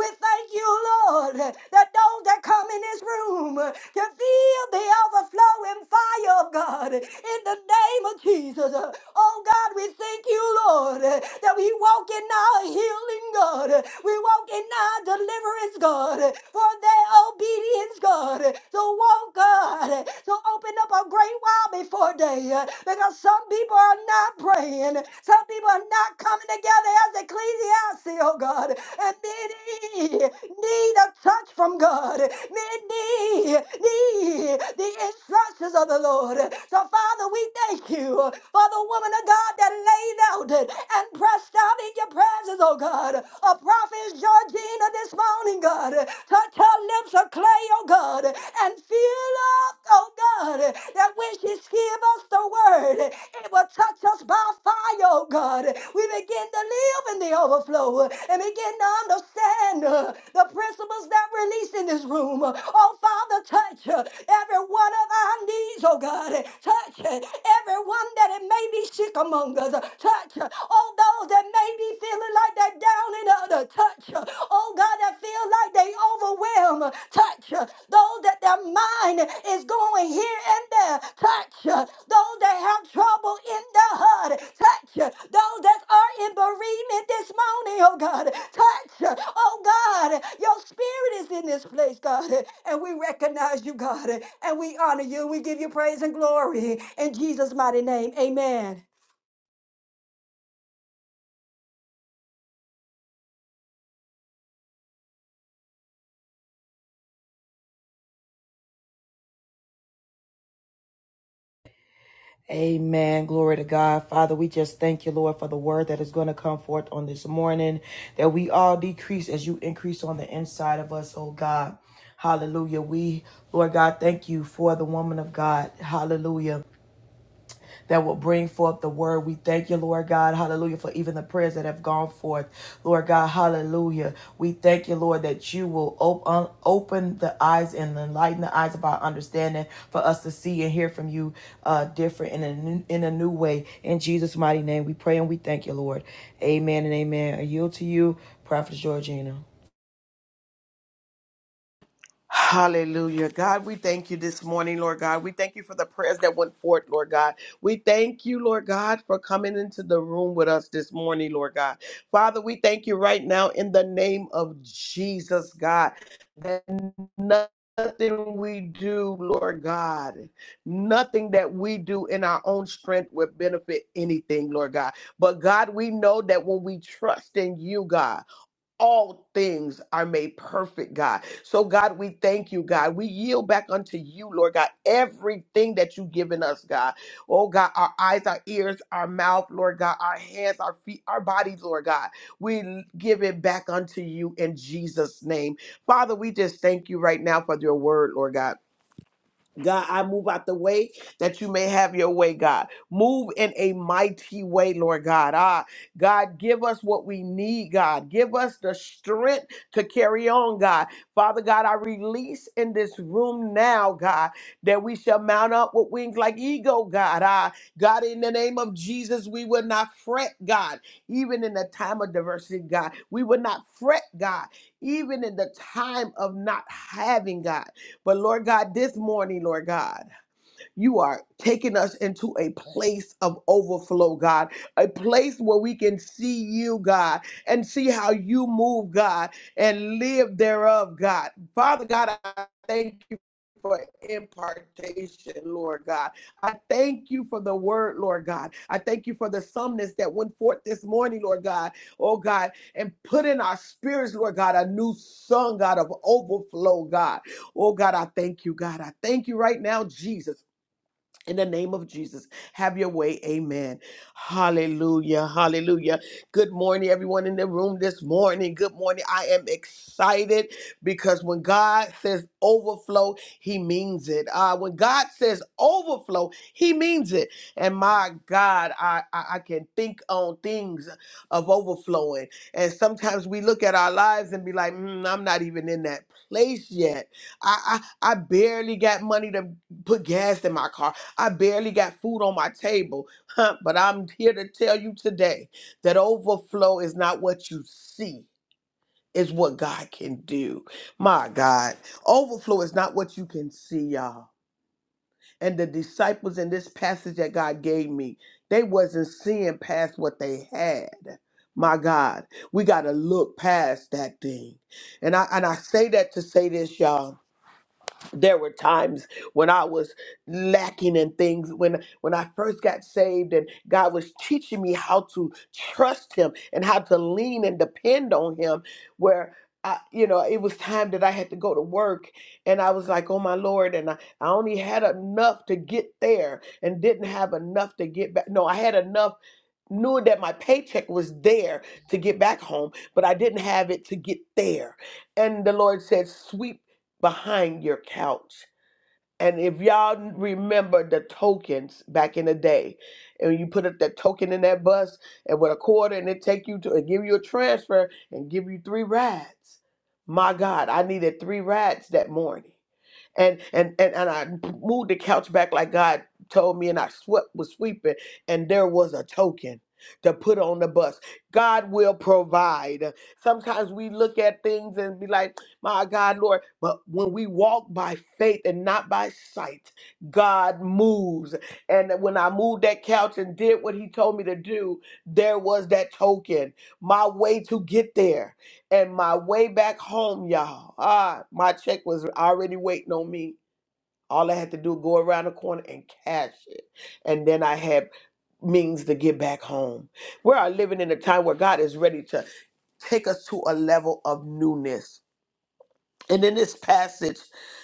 We thank you, Lord, that those that come in this room can feel the overflowing fire of God in the name of Jesus. Oh, God, we thank you, Lord. God, eh, that we walk in our healing, God. eh, We walk in our deliverance, God, eh, for their obedience, God. eh, So walk, God, eh, so open up a great while before day, eh, because some people are not praying. Some people are not coming together as ecclesiastes, oh God. And many need a touch from God. Many need the instructions of the Lord. So, Father, we thank you for the woman of God that laid knelt and pressed down in your presence, oh God. A prophet Georgina this morning, God. Touch her lips of clay, oh God, and fill up, oh God, that when she give us the word, it will touch us by fire, oh God. We begin to live in the overflow and begin to understand uh, the principles that release in this room. Oh Father, touch uh, every one of our needs, oh God. Touch uh, everyone that it may be sick among longers. uh, Touch uh, all those that may be feeling like they're down and under. Touch uh, all God that feel like they overwhelmed. uh, Touch uh, those that their mind is going here and there. Touch uh, those that have trouble in the heart. Touch uh, those that are in bereavement this morning, oh God. Touch, uh, oh God, your spirit is in this place, God. And we recognize you, God. And we honor you. We give you praise and glory. In Jesus' mighty name, amen.
Amen. Glory to God. Father, we just thank you, Lord, for the word that is going to come forth on this morning, that we all decrease as you increase on the inside of us, oh God. Hallelujah. We, Lord God, thank you for the woman of God. Hallelujah. that will bring forth the word. We thank you, Lord God, hallelujah, for even the prayers that have gone forth. Lord God, hallelujah. We thank you, Lord, that you will open, open the eyes and enlighten the eyes of our understanding for us to see and hear from you uh, different in a, new, in a new way. In Jesus' mighty name, we pray and we thank you, Lord. Amen and amen. I yield to you, Prophet Georgina.
Hallelujah. God, we thank you this morning, Lord God. We thank you for the prayers that went forth, Lord God. We thank you, Lord God, for coming into the room with us this morning, Lord God. Father, we thank you right now in the name of Jesus, God, that nothing we do, Lord God, nothing that we do in our own strength would benefit anything, Lord God. But God, we know that when we trust in you, God, all things are made perfect, God. So, God, we thank you, God. We yield back unto you, Lord God, everything that you've given us, God. Oh, God, our eyes, our ears, our mouth, Lord God, our hands, our feet, our bodies, Lord God. We give it back unto you in Jesus' name. Father, we just thank you right now for your word, Lord God. God, I move out the way that you may have your way, God. Move in a mighty way, Lord God. Ah, God, give us what we need, God. Give us the strength to carry on, God. Father God, I release in this room now, God, that we shall mount up with wings like eagle, God. Ah, God, in the name of Jesus, we will not fret, God. Even in the time of diversity, God, we will not fret, God. Even in the time of not having, God. But Lord God, this morning, Lord God, you are taking us into a place of overflow, God, a place where we can see you, God, and see how you move, God, and live thereof, God. Father God, I thank you. For impartation, Lord God. I thank you for the word, Lord God. I thank you for the sumness that went forth this morning, Lord God. Oh God, and put in our spirits, Lord God, a new song, God, of overflow, God. Oh God, I thank you, God. I thank you right now, Jesus. In the name of Jesus, have your way. Amen. Hallelujah. Hallelujah. Good morning, everyone in the room this morning. Good morning. I am excited because when God says overflow, He means it. Uh, when God says overflow, He means it. And my God, I, I, I can think on things of overflowing. And sometimes we look at our lives and be like, "Mm, I'm not even in that place yet. I, I, I barely got money to put gas in my car. I barely got food on my table, but I'm here to tell you today that overflow is not what you see. It's what God can do. My God. Overflow is not what you can see, y'all. And the disciples in this passage that God gave me, they wasn't seeing past what they had. My God. We gotta look past that thing. And I and I say that to say this, y'all there were times when I was lacking in things when when I first got saved and God was teaching me how to trust him and how to lean and depend on him where I, you know it was time that I had to go to work and I was like oh my lord and I, I only had enough to get there and didn't have enough to get back no I had enough knew that my paycheck was there to get back home but I didn't have it to get there and the Lord said sweep behind your couch. And if y'all remember the tokens back in the day, and you put up that token in that bus, and with a quarter, and it take you to it give you a transfer and give you three rides. My God, I needed three rides that morning and and and, and I moved the couch back like God told me, and I swept was sweeping, and there was a token to put on the bus. God will provide. Sometimes we look at things and be like, "My God, Lord," but when we walk by faith and not by sight, God moves. And when I moved that couch and did what He told me to do, there was that token. My way to get there. And my way back home, y'all, ah, my check was already waiting on me. All I had to do was go around the corner and cash it. And then I had means to get back home. We are living in a time where God is ready to take us to a level of newness. And in this passage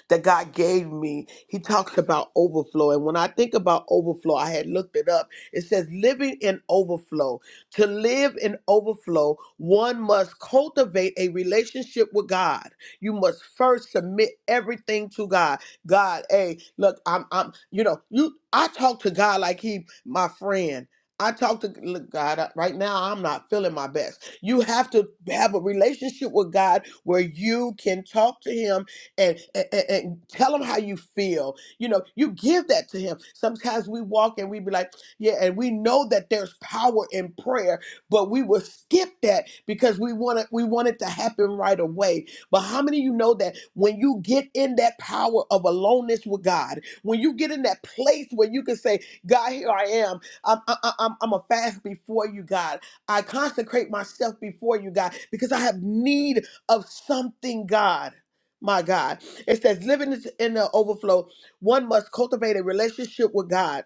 that God gave me, he talks about overflow. And when I think about overflow, I had looked it up. It says living in overflow. To live in overflow, one must cultivate a relationship with God. You must first submit everything to God. God, hey, look, I'm I'm you know, you I talk to God like he my friend. I talk to look, God right now. I'm not feeling my best. You have to have a relationship with God where you can talk to Him and, and, and and tell Him how you feel. You know, you give that to Him. Sometimes we walk and we be like, yeah, and we know that there's power in prayer, but we will skip that because we want it, we want it to happen right away. But how many of you know that when you get in that power of aloneness with God, when you get in that place where you can say, God, here I am, I'm, I- I- I'm, I'm a fast before you, God. I consecrate myself before you, God, because I have need of something, God. My God. It says, living is in the overflow, one must cultivate a relationship with God,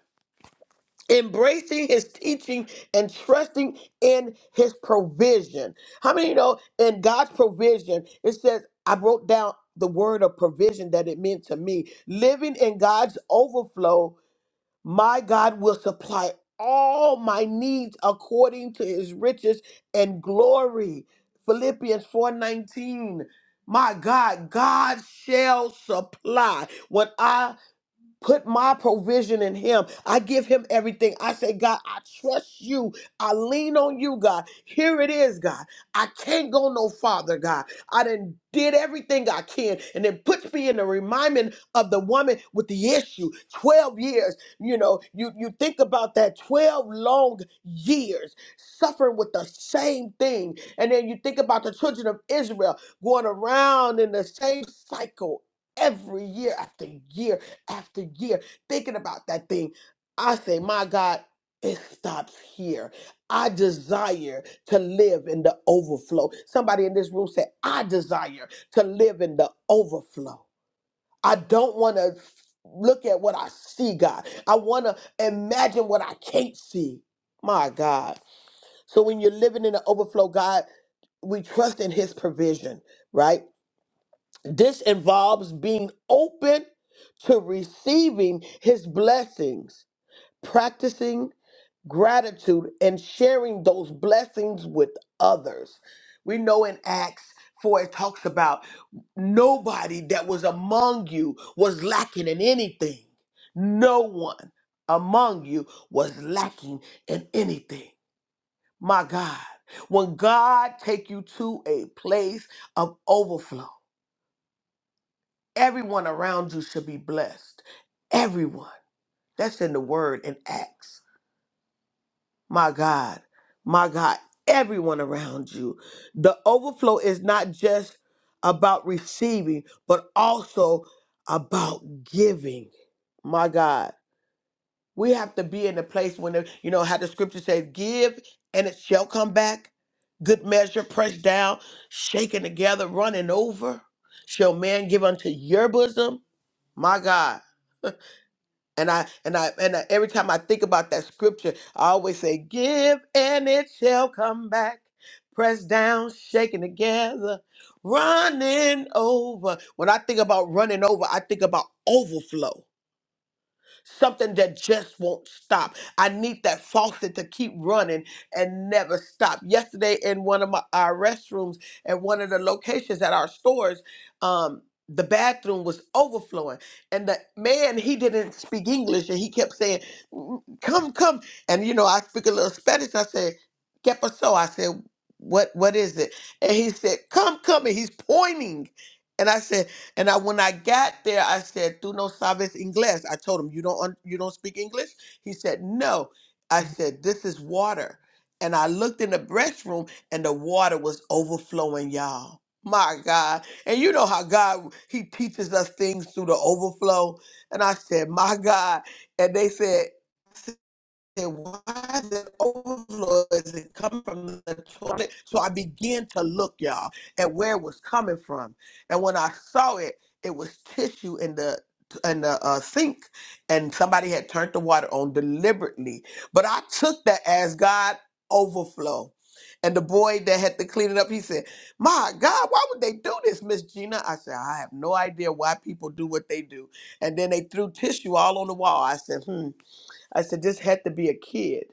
embracing his teaching and trusting in his provision. How many know in God's provision, it says, I wrote down the word of provision that it meant to me. Living in God's overflow my God will supply all my needs according to his riches and glory. Philippians 4:19. My God, God shall supply. When I put my provision in him. I give him everything. I say, God, I trust you. I lean on you, God. Here it is, God. I can't go no farther, God. I done did everything I can. And it puts me in the reminder of the woman with the issue. 12 years. You know, you, you think about that 12 long years suffering with the same thing. And then you think about the children of Israel going around in the same cycle every year after year after year thinking about that thing. I say, my God, it stops here. I desire to live in the overflow. Somebody in this room said, I desire to live in the overflow. I don't want to look at what I see, God. I want to imagine what I can't see. My God. So when you're living in the overflow, God, we trust in His provision, right? This involves being open to receiving his blessings, practicing gratitude, and sharing those blessings with others. We know in Acts 4, it talks about nobody that was among you was lacking in anything. No one among you was lacking in anything. My God, when God take you to a place of overflow, Everyone around you should be blessed. Everyone. That's in the word in Acts. My God. My God. Everyone around you. The overflow is not just about receiving, but also about giving. My God. We have to be in a place when, there- you know, how the scripture says, give and it shall come back. Good measure, pressed down, shaken together, running over. Shall man give unto your bosom? My God. And I and I and I, every time I think about that scripture, I always say, "Give and it shall come back, pressed down, shaken together, running over." When I think about running over, I think about overflow something that just won't stop. I need that faucet to keep running and never stop. Yesterday, in one of my our restrooms at one of the locations at our stores, um, the bathroom was overflowing, and the man he didn't speak English, and he kept saying, "Mm, "Come, come," and you know I speak a little Spanish. I said, "¿Qué pasó?" I said, "What, what is it?" And he said, "Come, come," and he's pointing, and I said. And I, when I got there, I said, "Tú no sabes inglés." I told him, "You don't un- you don't speak English." He said, "No." I said, "This is water." And I looked in the restroom, and the water was overflowing, y'all. My God. And you know how God He teaches us things through the overflow. And I said, "My God." And they said said, why is it overflow? Is it coming from the toilet? So I began to look, y'all, at where it was coming from. And when I saw it, it was tissue in the in the uh, sink, and somebody had turned the water on deliberately. But I took that as God overflow. And the boy that had to clean it up, he said, "My God, why would they do this, Miss Gina?" I said, "I have no idea why people do what they do." And then they threw tissue all on the wall. I said, "Hmm." I said, this had to be a kid.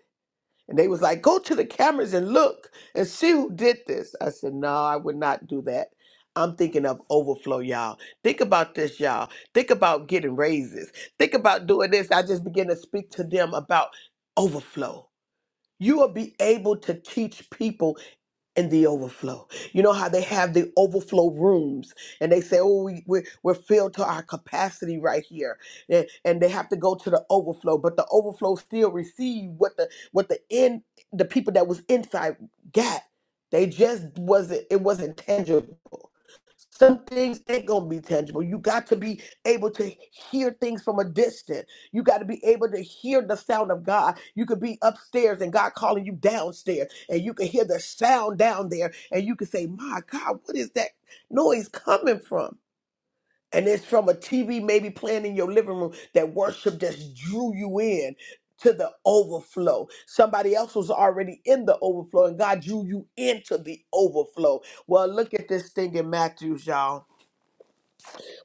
And they was like, go to the cameras and look and see who did this. I said, no, I would not do that. I'm thinking of overflow, y'all. Think about this, y'all. Think about getting raises. Think about doing this. I just began to speak to them about overflow. You will be able to teach people and the overflow. You know how they have the overflow rooms and they say, oh, we, we're, we're filled to our capacity right here. And, and they have to go to the overflow, but the overflow still receive what the what the in the people that was inside got. They just wasn't it wasn't tangible. Some things ain't gonna be tangible. You got to be able to hear things from a distance. You got to be able to hear the sound of God. You could be upstairs and God calling you downstairs, and you can hear the sound down there, and you can say, My God, what is that noise coming from? And it's from a TV maybe playing in your living room that worship just drew you in to the overflow. Somebody else was already in the overflow, and God drew you into the overflow. Well, look at this thing in Matthew, y'all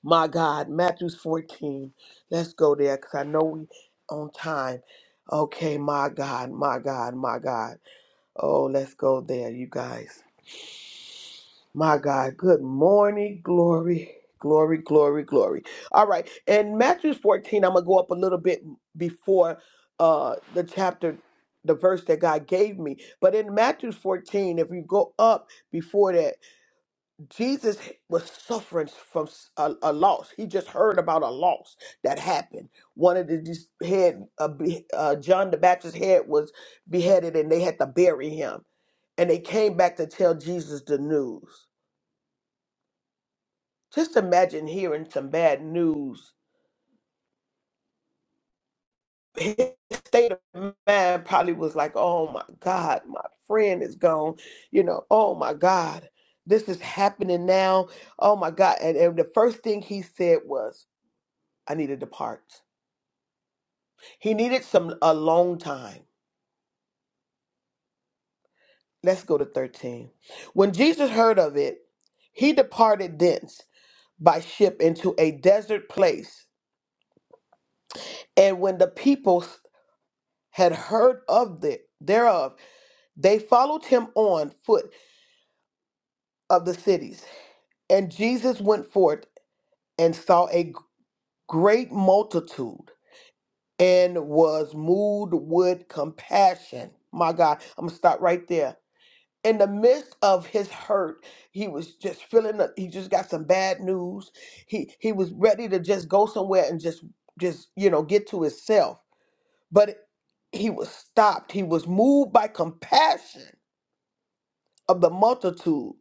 my God, Matthew's 14. Let's go there because I know we on time. Okay, my God, my God, my God. Oh, let's go there, you guys. My God, good morning, glory, glory, glory, glory. All right, and Matthew's 14, I'm going to go up a little bit before uh, the chapter, the verse that God gave me. But in Matthew's 14, if you go up before that, Jesus was suffering from s- a, a loss. He just heard about a loss that happened. One of the these head, uh, be, uh, John the Baptist's head was beheaded, and they had to bury him. And they came back to tell Jesus the news. Just imagine hearing some bad news. His state of mind probably was like, "Oh my God, my friend is gone." You know, "Oh my God, this is happening now." Oh my God, and, and the first thing he said was, "I need to depart." He needed some a long time. Let's go to 13. When Jesus heard of it, he departed thence by ship into a desert place. And when the people had heard of it thereof, they followed him on foot of the cities. And Jesus went forth and saw a great multitude and was moved with compassion. My God, I'm gonna stop right there. in the midst of his hurt, he was just feeling. the- He just got some bad news. He he was ready to just go somewhere and just just you know get to himself, but he was stopped. He was moved by compassion of the multitude,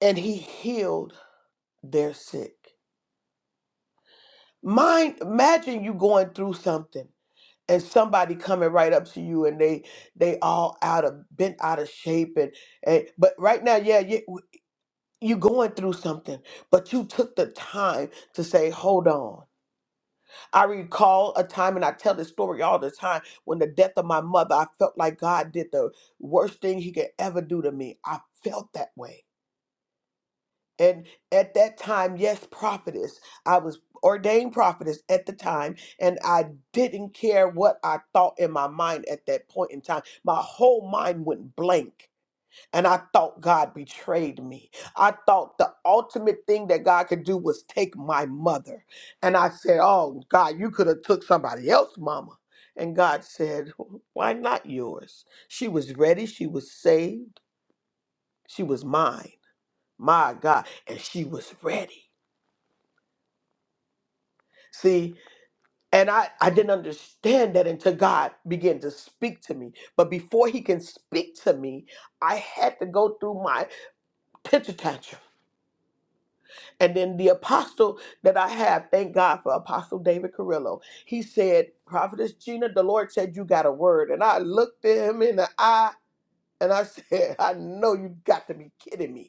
and he healed their sick. Mind, imagine you going through something and somebody coming right up to you and they they all out of bent out of shape and, and but right now yeah yeah you going through something, but you took the time to say, hold on. I recall a time, and I tell this story all the time, when the death of my mother, I felt like God did the worst thing he could ever do to me. I felt that way. And at that time, yes, prophetess, I was ordained prophetess at the time, and I didn't care what I thought in my mind at that point in time. My whole mind went blank and I thought God betrayed me. I thought the ultimate thing that God could do was take my mother. And I said, "Oh God, you could have took somebody else, mama." And God said, "Why not yours? She was ready, she was saved, she was mine. My God, and she was ready." See, and I I didn't understand that until God began to speak to me. But before he can speak to me, I had to go through my temper tantrum. And then the apostle that I have, thank God for Apostle David Carrillo, he said, Prophetess Gina, the Lord said you got a word. And I looked at him in the eye and I said, I know you got to be kidding me.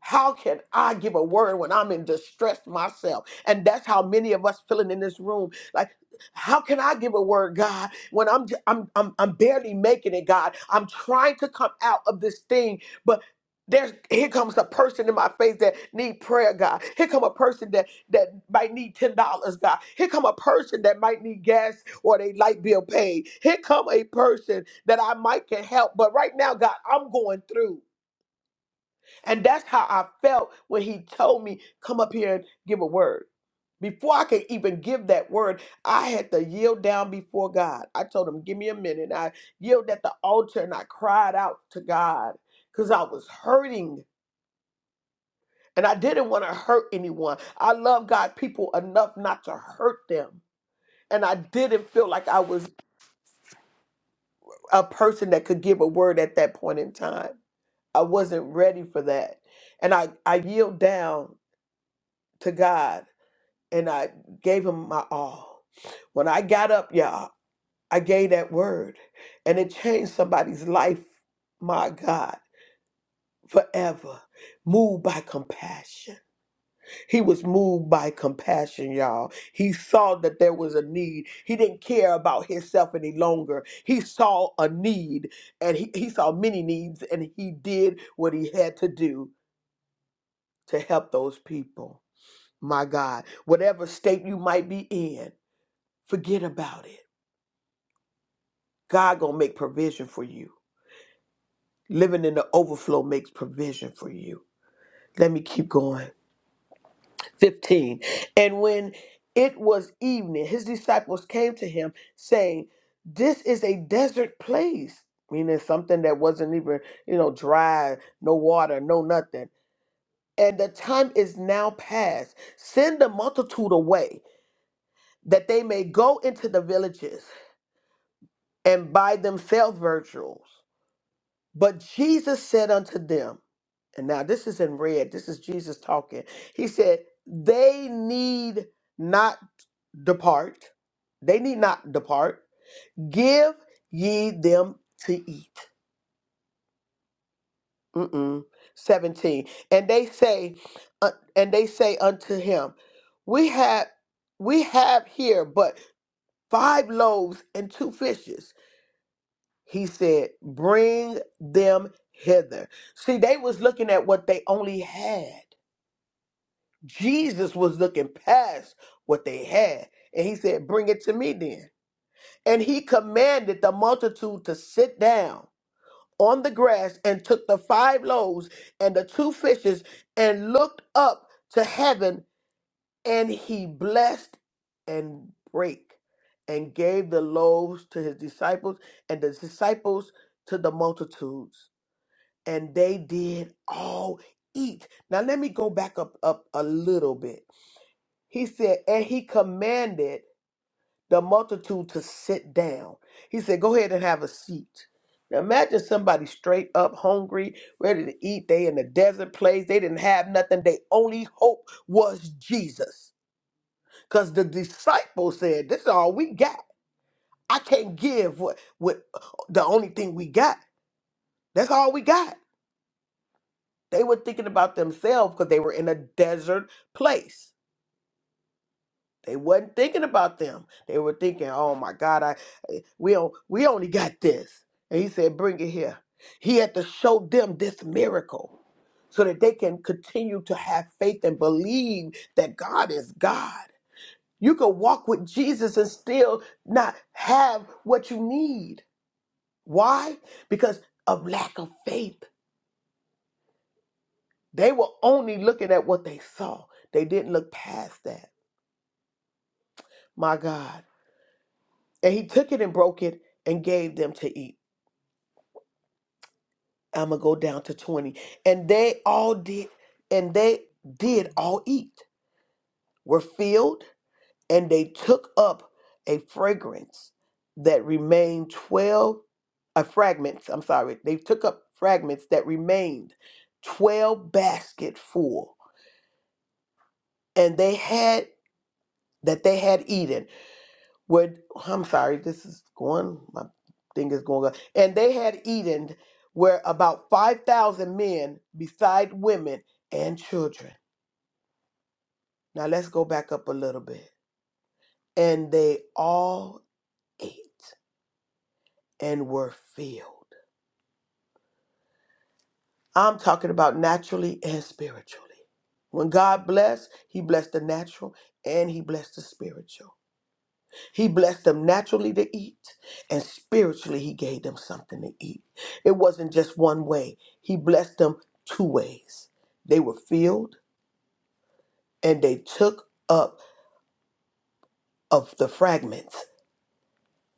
How can I give a word when I'm in distress myself? And that's how many of us feeling in this room. Like, how can I give a word, God, when I'm j- I'm I'm, I'm barely making it, God? I'm trying to come out of this thing, but there's here comes a person in my face that need prayer, God. Here come a person that that might need ten dollars, God. Here come a person that might need gas or they light bill paid. Here come a person that I might can help, but right now, God, I'm going through. And that's how I felt when he told me, come up here and give a word. Before I could even give that word, I had to yield down before God. I told him, give me a minute. And I yielded at the altar and I cried out to God because I was hurting and I didn't want to hurt anyone. I love God people enough not to hurt them. And I didn't feel like I was a person that could give a word at that point in time. I wasn't ready for that. And I, I yield down to God and I gave him my all. When I got up, y'all, I gave that word and it changed somebody's life, my God, forever. Moved by compassion. He was moved by compassion, y'all. He saw that there was a need. He didn't care about himself any longer. He saw a need and he, he saw many needs and he did what he had to do to help those people. My God, whatever state you might be in, forget about it God gonna make provision for you. Living in the overflow makes provision for you. Let me keep going. 15. And when it was evening, his disciples came to him saying, This is a desert place. Meaning something that wasn't even, you know, dry, no water, no nothing. And the time is now past. Send the multitude away that they may go into the villages and buy themselves virtuals But Jesus said unto them, and now this is in red, this is Jesus talking. He said, They need not depart, they need not depart. Give ye them to eat. Mm-mm. 17. And they say, uh, and they say unto him, We have we have here but five loaves and two fishes. He said, "Bring them hither." See, they was looking at what they only had. Jesus was looking past what they had, and he said, "Bring it to me then." And he commanded the multitude to sit down on the grass and took the five loaves and the two fishes and looked up to heaven and he blessed and brake and gave the loaves to his disciples and the disciples to the multitudes and they did all eat. Now let me go back up up a little bit. He said, and he commanded the multitude to sit down. He said, go ahead and have a seat. Now imagine somebody straight up hungry, ready to eat. They in the desert place. They didn't have nothing. They only hope was Jesus. Because the disciples said, This is all we got. I can't give what, what the only thing we got. That's all we got. They were thinking about themselves because they were in a desert place. They wasn't thinking about them. They were thinking, "Oh my God, I eh, we on, we only got this." And he said, "Bring it here." He had to show them this miracle so that they can continue to have faith and believe that God is God. You can walk with Jesus and still not have what you need. Why? Because of lack of faith. They were only looking at what they saw. They didn't look past that. My God. And he took it and broke it and gave them to eat. I'm going to go down to 20. And they all did, and they did all eat, were filled, and they took up a fragrance that remained 12, uh, fragments, I'm sorry. They took up fragments that remained 12 basket full. And they had, that they had eaten What I'm sorry, this is going. My thing is going up. And they had eaten, where about five thousand men, beside women and children. Now let's go back up a little bit. And they all ate and were filled. I'm talking about naturally and spiritually. When God blessed, He blessed the natural and He blessed the spiritual. He blessed them naturally to eat, and spiritually, He gave them something to eat. It wasn't just one way, He blessed them two ways. They were filled, and they took up of the fragments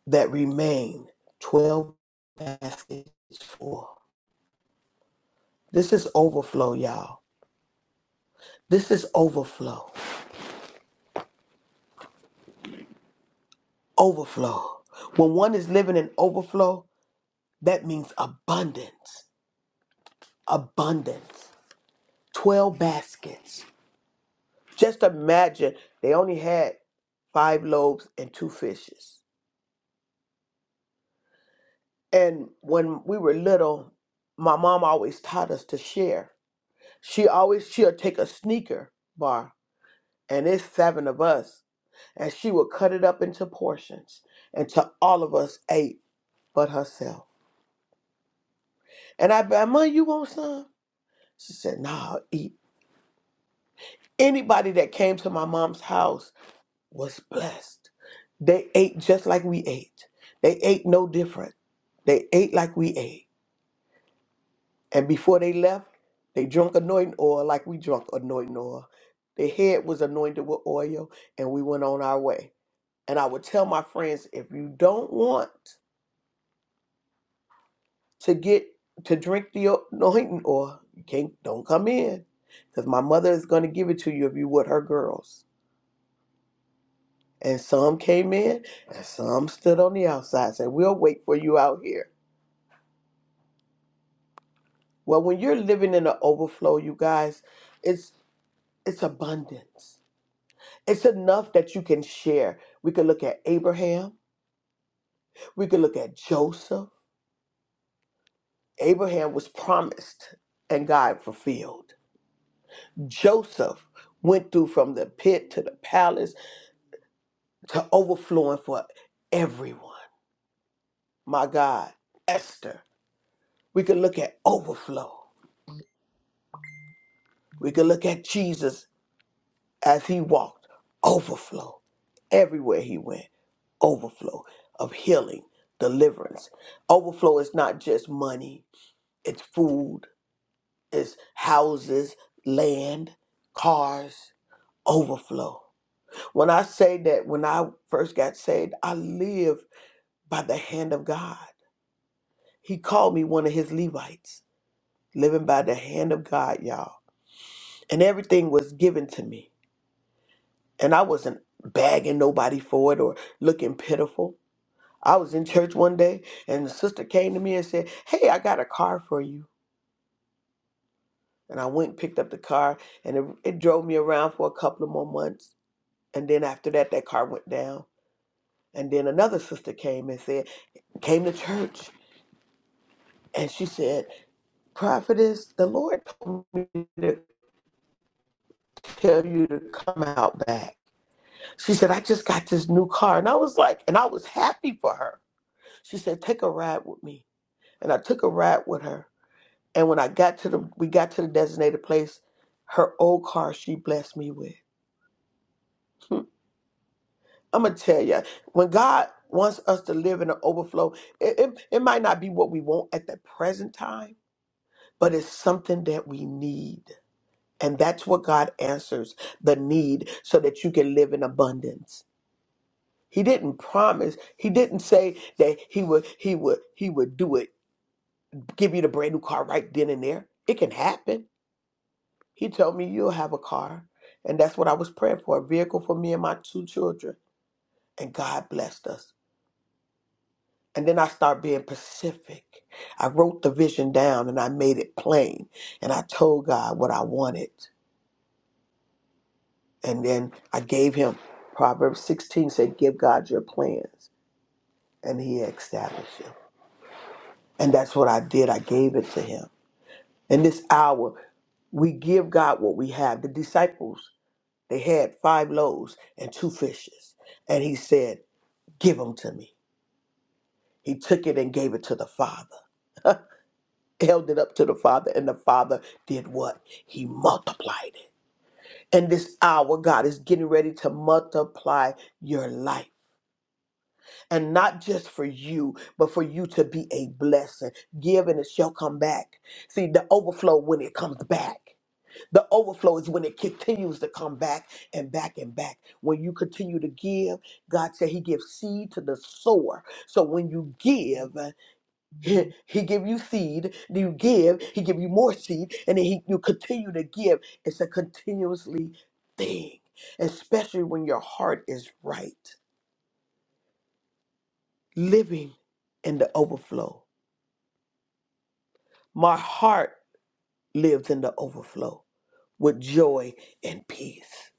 that remained 12 baskets full. This is overflow, y'all. This is overflow. Overflow. When one is living in overflow, that means abundance. Abundance. 12 baskets. Just imagine they only had five loaves and two fishes. And when we were little, my mom always taught us to share. She always she'll take a sneaker bar, and it's seven of us, and she would cut it up into portions, and to all of us ate but herself. And I bet, Mom, you want some? She said, Nah, eat. Anybody that came to my mom's house was blessed. They ate just like we ate. They ate no different. They ate like we ate. And before they left, they drunk anointing oil like we drunk anointing oil. Their head was anointed with oil, and we went on our way. And I would tell my friends if you don't want to get to drink the anointing oil, you can't, don't come in. Because my mother is going to give it to you if you with her girls. And some came in, and some stood on the outside and said, We'll wait for you out here. Well, when you're living in an overflow, you guys, it's it's abundance. It's enough that you can share. We could look at Abraham. We could look at Joseph. Abraham was promised and God fulfilled. Joseph went through from the pit to the palace to overflowing for everyone. My God, Esther. We could look at overflow. We could look at Jesus as he walked, overflow everywhere he went. overflow of healing, deliverance. Overflow is not just money, it's food, it's houses, land, cars, overflow. When I say that when I first got saved, I lived by the hand of God. He called me one of his Levites, living by the hand of God, y'all. And everything was given to me. And I wasn't bagging nobody for it or looking pitiful. I was in church one day and the sister came to me and said, Hey, I got a car for you. And I went and picked up the car and it, it drove me around for a couple of more months. And then after that, that car went down. And then another sister came and said, came to church. And she said, Prophetess, the Lord told me to tell you to come out back. She said, I just got this new car. And I was like, and I was happy for her. She said, Take a ride with me. And I took a ride with her And when I got to the, we got to the designated place, her old car she blessed me with. Hmm. I'm gonna tell you, when God wants us to live in an overflow, it, it, it might not be what we want at the present time, but it's something that we need. And that's what God answers the need so that you can live in abundance. He didn't promise, he didn't say that he would, he would, he would do it, give you the brand new car right then and there. It can happen He told me, You'll have a car. And that's what I was praying for a vehicle for me and my two children. And God blessed us. And then I started being pacific. I wrote the vision down and I made it plain. And I told God what I wanted. And then I gave him Proverbs 16 said, Give God your plans. And he established them. And that's what I did. I gave it to him. In this hour, we give God what we have. The disciples, they had five loaves and two fishes. And he said, Give them to me. He took it and gave it to the Father, held it up to the Father, and the Father did what? He multiplied it. And this hour, God is getting ready to multiply your life. And not just for you, but for you to be a blessing. Give and it shall come back. See, the overflow when it comes back. The overflow is when it continues to come back and back and back. When you continue to give, God said He gives seed to the sower. So when you give, he give you seed, then you give, he give you more seed, and then he, you continue to give. It's a continuously thing, especially when your heart is right, living in the overflow. My heart lives in the overflow with joy and peace.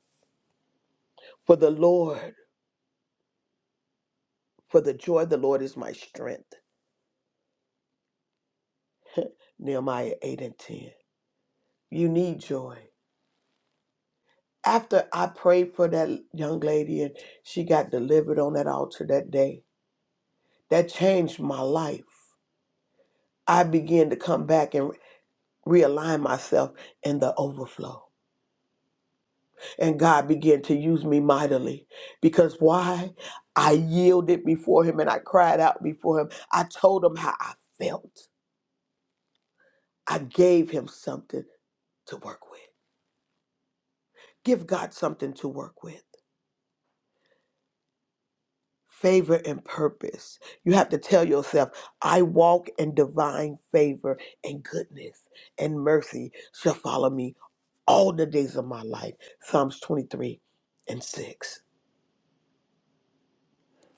For the Lord, for the joy of the Lord is my strength. Nehemiah 8 and 10. You need joy. After I prayed for that young lady and she got delivered on that altar that day, That changed my life. I began to come back and realign myself in the overflow. And God began to use me mightily. Because why? I yielded before Him and I cried out before Him. I told Him how I felt. I gave Him something to work with. Give God something to work with. favor and purpose. You have to tell yourself, I walk in divine favor and goodness and mercy shall follow me all the days of my life. Psalms 23 and 6.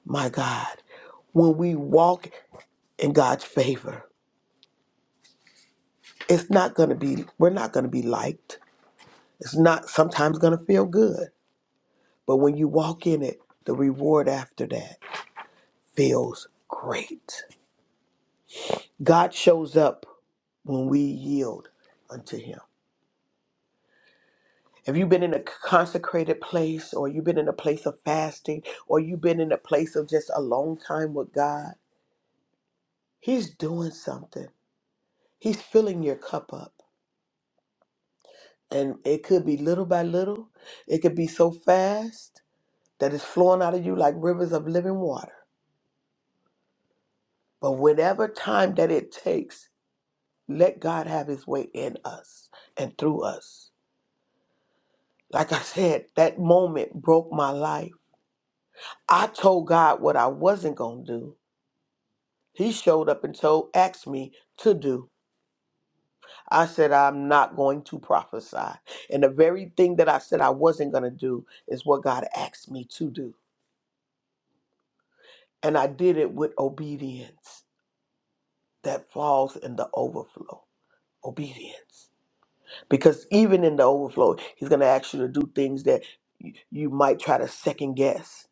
My God, when we walk in God's favor, it's not going to be, we're not going to be liked. It's not sometimes going to feel good. But when you walk in it, the reward after that feels great. God shows up when we yield unto Him. Have you been in a consecrated place or you've been in a place of fasting or you've been in a place of just a long time with God? He's doing something. He's filling your cup up. And it could be little by little. It could be so fast that it's flowing out of you like rivers of living water. But whatever time that it takes, let God have his way in us and through us. Like I said, that moment broke my life. I told God what I wasn't going to do He showed up and told, asked me to do. I said, I'm not going to prophesy. And the very thing that I said I wasn't going to do is what God asked me to do. And I did it with obedience that falls in the overflow. Obedience. Because even in the overflow, He's going to ask you to do things that y- you might try to second guess.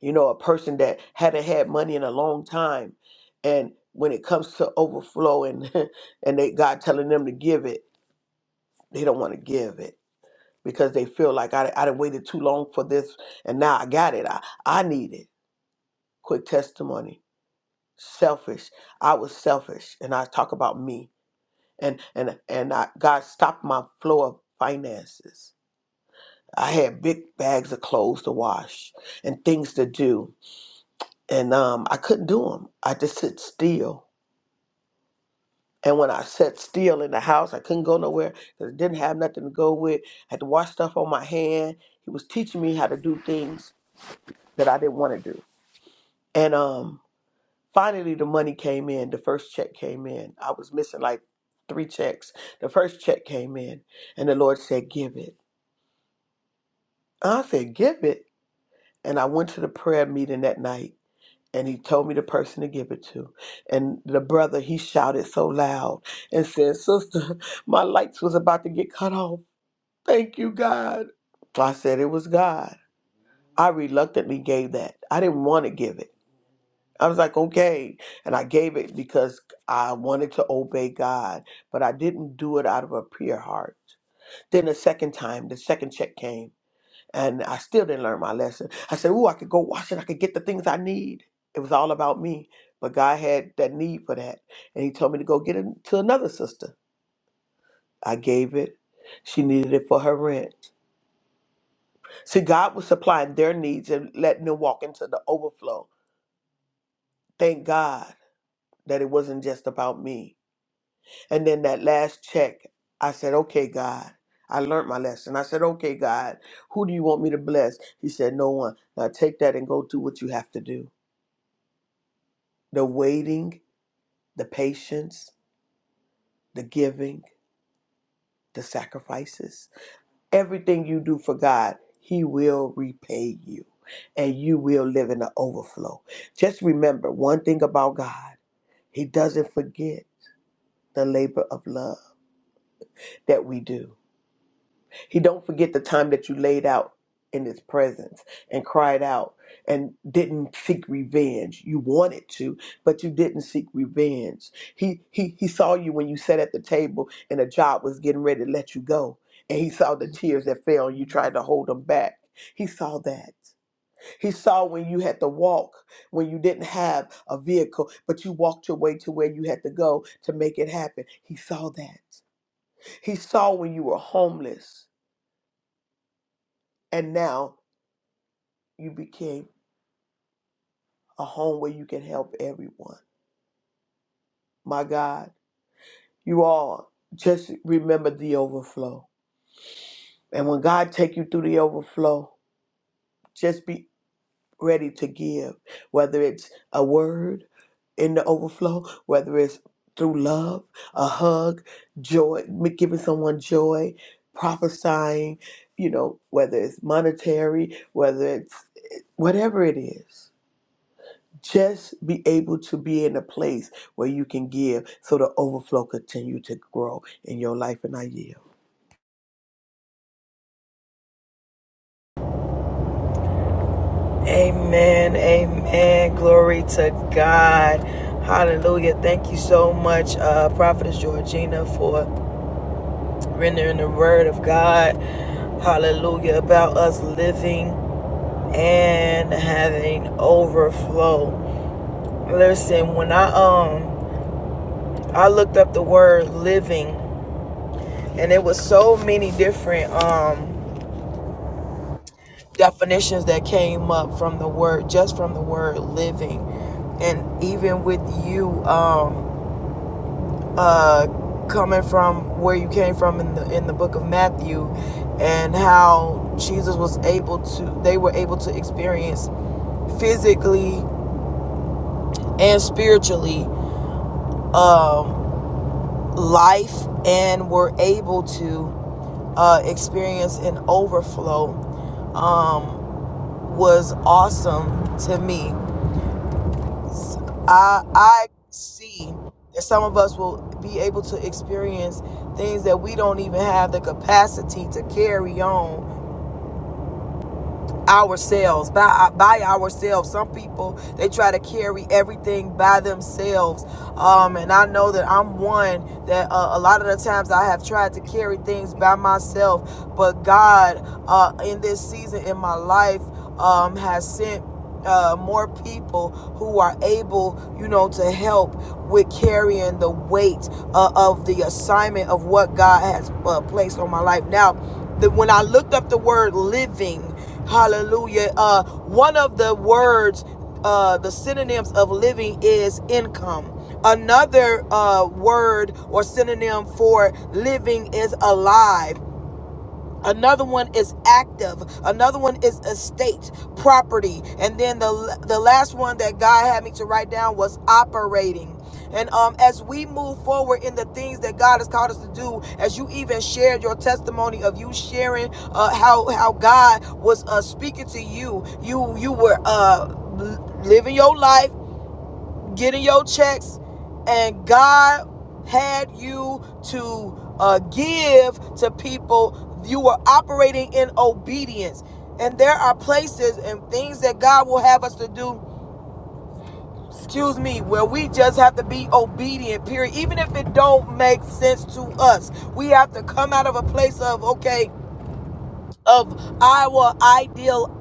You know, a person that hadn't had money in a long time, and when it comes to overflow and and they God telling them to give it they don't want to give it because they feel like I, I done waited too long for this and now I got it. I, I need it. Quick testimony. Selfish. I was selfish and I talk about me and and and I, God stopped my flow of finances. I had big bags of clothes to wash and things to do and um I couldn't do them. I just sit still. And when I sat still in the house, I couldn't go nowhere because I didn't have nothing to go with. I had to wash stuff on my hand. He was teaching me how to do things that I didn't want to do. And um, finally, the money came in. The first check came in. I was missing like three checks. The first check came in, and the Lord said, Give it. I said, Give it. And I went to the prayer meeting that night. And he told me the person to give it to. And the brother, he shouted so loud and said, Sister, my lights was about to get cut off. Thank you, God. So I said, It was God. I reluctantly gave that. I didn't want to give it. I was like, okay. And I gave it because I wanted to obey God, but I didn't do it out of a pure heart. Then the second time, the second check came, and I still didn't learn my lesson. I said, ooh, I could go wash it. I could get the things I need. It was all about me. But God had that need for that. And He told me to go get it to another sister. I gave it. She needed it for her rent. See, God was supplying their needs and letting them walk into the overflow. Thank God that it wasn't just about me And then that last check, I said, okay, God. I learned my lesson. I said, okay, God, who do you want me to bless? He said, no one. Now take that and go do what you have to do. The waiting, the patience, the giving, the sacrifices, everything you do for God, He will repay you and you will live in the overflow. Just remember one thing about God He doesn't forget the labor of love that we do. He don't forget the time that you laid out in his presence and cried out and didn't seek revenge. You wanted to, but you didn't seek revenge. He he he saw you when you sat at the table and a job was getting ready to let you go. And he saw the tears that fell and you tried to hold them back. He saw that. He saw when you had to walk, when you didn't have a vehicle, but you walked your way to where you had to go to make it happen. He saw that. He saw when you were homeless and now you became a home where you can help everyone. My God, you all just remember the overflow. And when God take you through the overflow, just be ready to give, whether it's a word in the overflow, whether it's through love, a hug, joy, giving someone joy, prophesying, you know, whether it's monetary, whether it's whatever it is. just be able to be in a place where you can give so the overflow continue to grow in your life and i yield
Amen. Amen. Glory to God. Hallelujah. Thank you so much, uh, Prophetess Georgina, for. rendering the word of God, hallelujah, about us living and having overflow. Listen, when I um I looked up the word living and it was so many different um definitions that came up from the word just from the word living. And even with you um uh, coming from where you came from in the in the book of Matthew, and how Jesus was able to, they were able to experience physically and spiritually um, life, and were able to uh, experience an overflow um, was awesome to me I I see that some of us will be able to experience things that we don't even have the capacity to carry on ourselves by uh, by ourselves. Some people they try to carry everything by themselves, um, and I know that I'm one that uh, a lot of the times I have tried to carry things by myself, but God uh, in this season in my life um, has sent uh, more people who are able, you know, to help with carrying the weight uh, of the assignment of what God has uh, placed on my life. Now, the, when I looked up the word living, hallelujah, uh, one of the words, uh, the synonyms of living is income. Another uh, word or synonym for living is alive. Another one is active. Another one is estate, property. And then the the last one that God had me to write down was operating. And um, as we move forward in the things that God has called us to do, as you even shared your testimony of you sharing uh, how how God was uh, speaking to you, you you were uh, living your life getting your checks, and God had you to uh, give to people. You were operating in obedience. And there are places and things that God will have us to do, excuse me, where we just have to be obedient, period. Even if it don't make sense to us, we have to come out of a place of, okay, of our ideal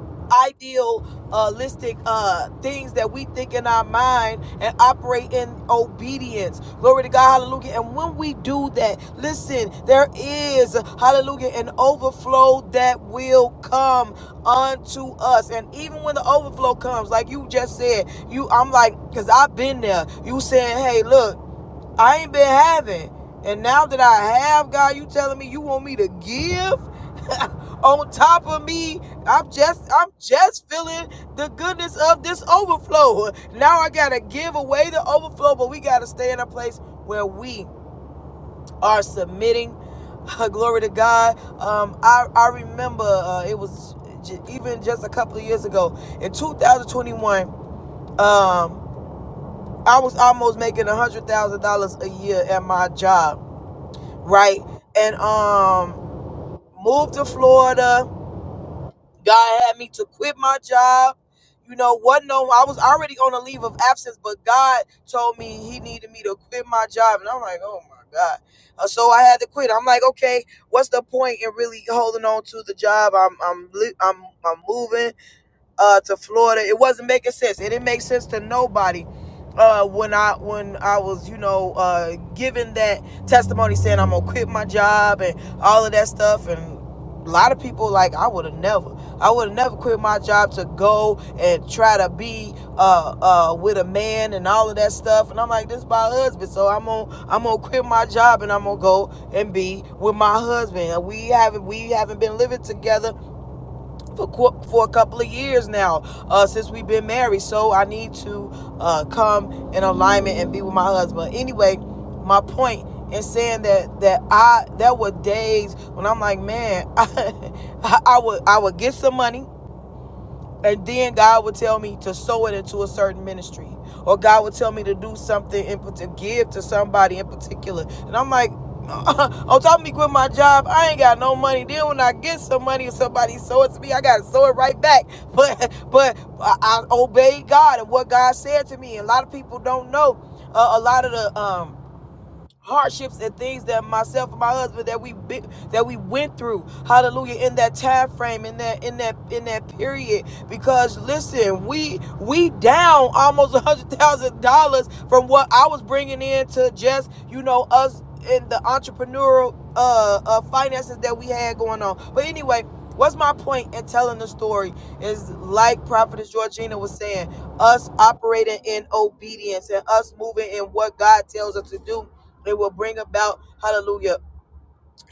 idealistic uh things that we think in our mind and operate in obedience glory to god hallelujah and when we do that listen there is hallelujah an overflow that will come unto us and even when the overflow comes like you just said you i'm like because i've been there you saying hey look i ain't been having and now that i have god you telling me you want me to give on top of me i'm just i'm just feeling the goodness of this overflow now i gotta give away the overflow but we gotta stay in a place where we are submitting glory to god um i i remember uh, it was j- even just a couple of years ago in 2021 um i was almost making a hundred thousand dollars a year at my job right and um moved to florida God had me to quit my job. You know, what? no I was already on a leave of absence, but God told me he needed me to quit my job. And I'm like, oh my God. Uh, so I had to quit. I'm like, okay, what's the point in really holding on to the job? I'm I'm I'm I'm moving uh, to Florida. It wasn't making sense. It didn't make sense to nobody. Uh, when I when I was you know uh, giving that testimony saying I'm gonna quit my job and all of that stuff and a lot of people like I would have never I would have never quit my job to go and try to be uh, uh, with a man and all of that stuff and I'm like this is my husband so I'm gonna I'm gonna quit my job and I'm gonna go and be with my husband And we haven't we haven't been living together for for a couple of years now uh, since we've been married. So I need to uh, come in alignment and be with my husband. Anyway, my point in saying that that I there were days when I'm like, man, I, I I would I would get some money and then God would tell me to sow it into a certain ministry. Or God would tell me to do something and to give to somebody in particular. And I'm like, on top of me quit my job, I ain't got no money. Then when I get some money, if somebody sow it to me, I gotta sow it right back. But but I, I obeyed God and what God said to me. And a lot of people don't know uh, a lot of the um hardships and things that myself and my husband that we that we went through hallelujah in that time frame in that in that in that period because listen we we down almost a hundred thousand dollars from what i was bringing in to just you know us in the entrepreneurial uh, uh finances that we had going on but anyway what's my point in telling the story is like prophetess georgina was saying us operating in obedience and us moving in what god tells us to do it will bring about, hallelujah,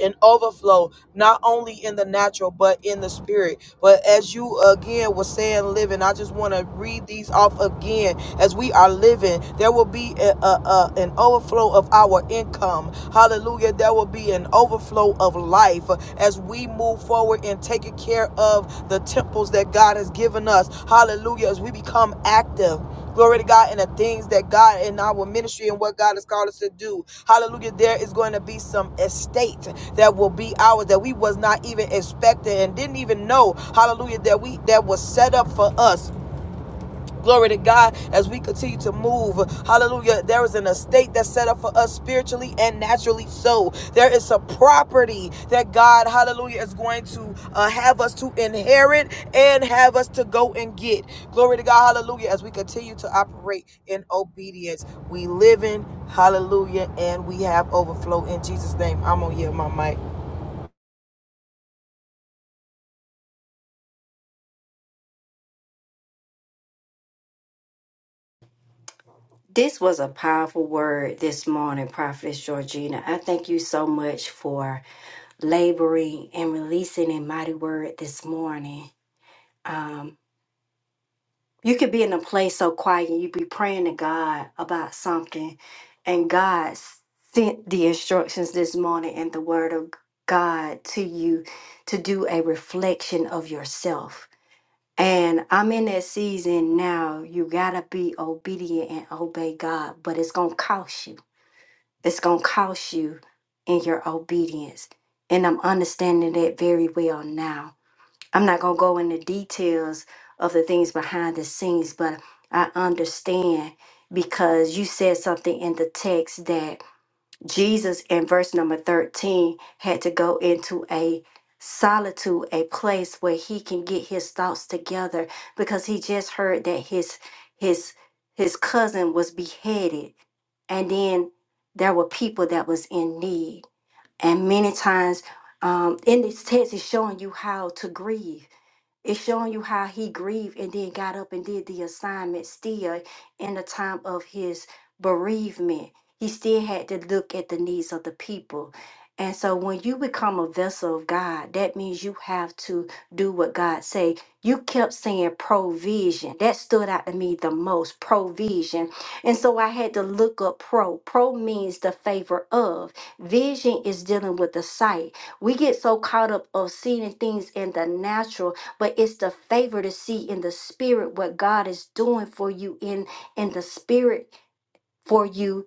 an overflow, not only in the natural, but in the spirit. But as you again were saying, living, I just want to read these off again. As we are living, there will be a, a, a- an overflow of our income. Hallelujah. There will be an overflow of life as we move forward in taking care of the temples that God has given us. Hallelujah. As we become active glory to God, and the things that God in our ministry and what God has called us to do. Hallelujah. There is going to be some estate that will be ours that we was not even expecting and didn't even know hallelujah that we that was set up for us Glory to God as we continue to move. Hallelujah. There is an estate that's set up for us spiritually and naturally so. There is a property that God, hallelujah, is going to uh, have us to inherit and have us to go and get. Glory to God. Hallelujah. As we continue to operate in obedience, we live in hallelujah and we have overflow in Jesus' name. I'm going to yield my mic.
This was a powerful word this morning, Prophetess Georgina. I thank you so much for laboring and releasing a mighty word this morning. Um, you could be in a place so quiet and you be praying to God about something, and God sent the instructions this morning and the word of God to you to do a reflection of yourself. And I'm in that season now. You got to be obedient and obey God, but it's going to cost you It's going to cost you in your obedience. And I'm understanding that very well now. I'm not going to go into details of the things behind the scenes, but I understand because you said something in the text that Jesus in verse number 13 had to go into a solitude, a place where he can get his thoughts together because he just heard that his his his cousin was beheaded and then there were people that was in need and many times um, in this text is showing you how to grieve it's showing you how he grieved and then got up and did the assignment still in the time of his bereavement. He still had to look at the needs of the people. And so when you become a vessel of God, that means you have to do what God say. You kept saying provision. That stood out to me the most, provision. And so I had to look up pro. Pro means the favor of. Vision is dealing with the sight. We get so caught up of seeing things in the natural but it's the favor to see in the spirit what God is doing for you in in the spirit for you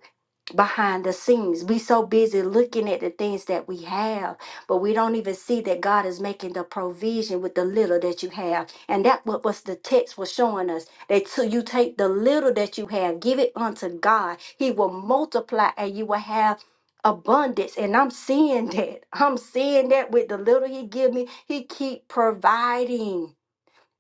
behind the scenes. We so busy looking at the things that we have, but we don't even see that God is making the provision with the little that you have. And that what was the text was showing us that till you take the little that you have, give it unto God. He will multiply and you will have abundance and i'm seeing that i'm seeing that with the little he give me he keep providing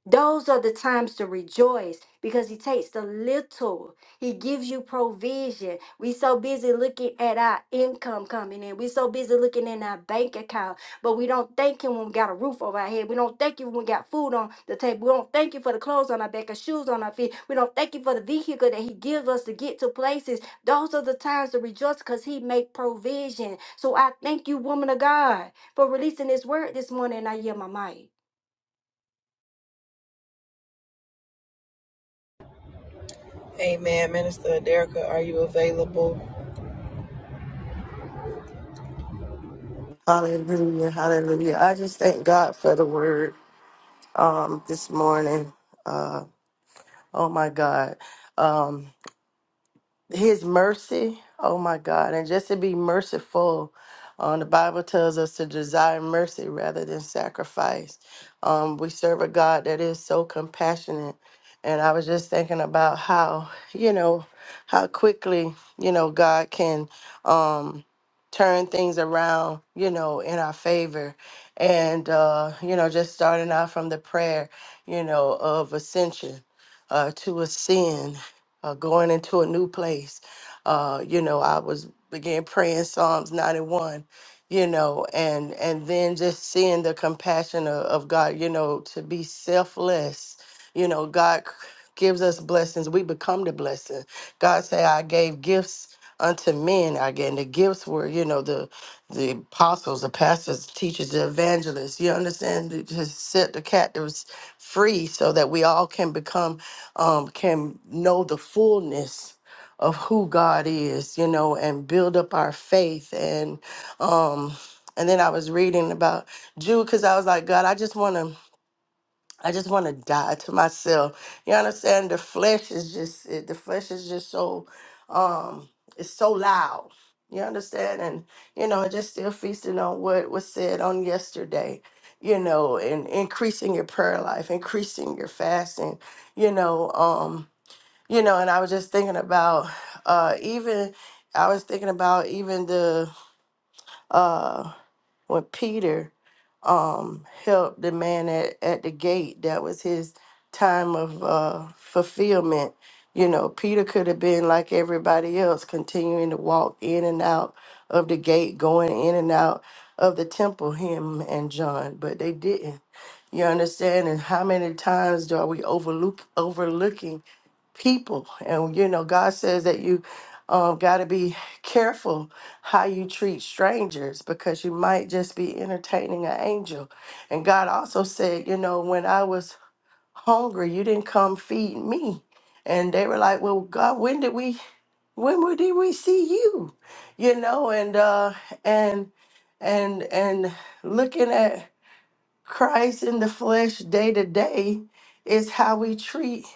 those are the times to rejoice because he takes the little. He gives you provision. We so busy looking at our income coming in. We so busy looking in our bank account, but we don't thank him when we got a roof over our head. We don't thank you when we got food on the table. We don't thank you for the clothes on our back and shoes on our feet. We don't thank you for the vehicle that he gives us to get to places. Those are the times to rejoice because he make provision. So I thank you, woman of God, for releasing this word this morning. and I yield my mic.
Amen. Minister Aderica, are you available?
Hallelujah, hallelujah. I just thank God for the word um this morning. Uh oh my God. Um his mercy oh my god and just to be merciful um, the bible tells us to desire mercy rather than sacrifice um, we serve a god that is so compassionate and i was just thinking about how you know how quickly you know god can um, turn things around you know in our favor and uh, you know just starting out from the prayer you know of ascension uh, to ascend, uh, going into a new place. Uh, you know, I was began praying Psalms 91, you know, and and then just seeing the compassion of, of God, you know, to be selfless. You know, God c- gives us blessings. We become the blessing. God say, I gave gifts unto men again the gifts were you know the the apostles the pastors the teachers the evangelists you understand to to set the captives free so that we all can become um, can know the fullness of who God is, you know, and build up our faith. And um, and then I was reading about Jude because I was like, God, I just want to. I just want to die to myself. You understand? The flesh is just it, the flesh is just so um it's so loud. You understand? And you know, just still feasting on what was said on yesterday, you know, and increasing your prayer life, increasing your fasting, you know, um you know and i was just thinking about uh even i was thinking about even the uh when peter um helped the man at, at the gate that was his time of uh fulfillment you know peter could have been like everybody else continuing to walk in and out of the gate going in and out of the temple him and john but they didn't you understand and how many times are we overlook overlooking people. And you know, God says that you um, got to be careful how you treat strangers because you might just be entertaining an angel. And God also said, you know, when I was hungry, you didn't come feed me. And they were like, well, God, when did we, when we- did we see you? You know, and, uh, and, and, and looking at Christ in the flesh day to day is how we treat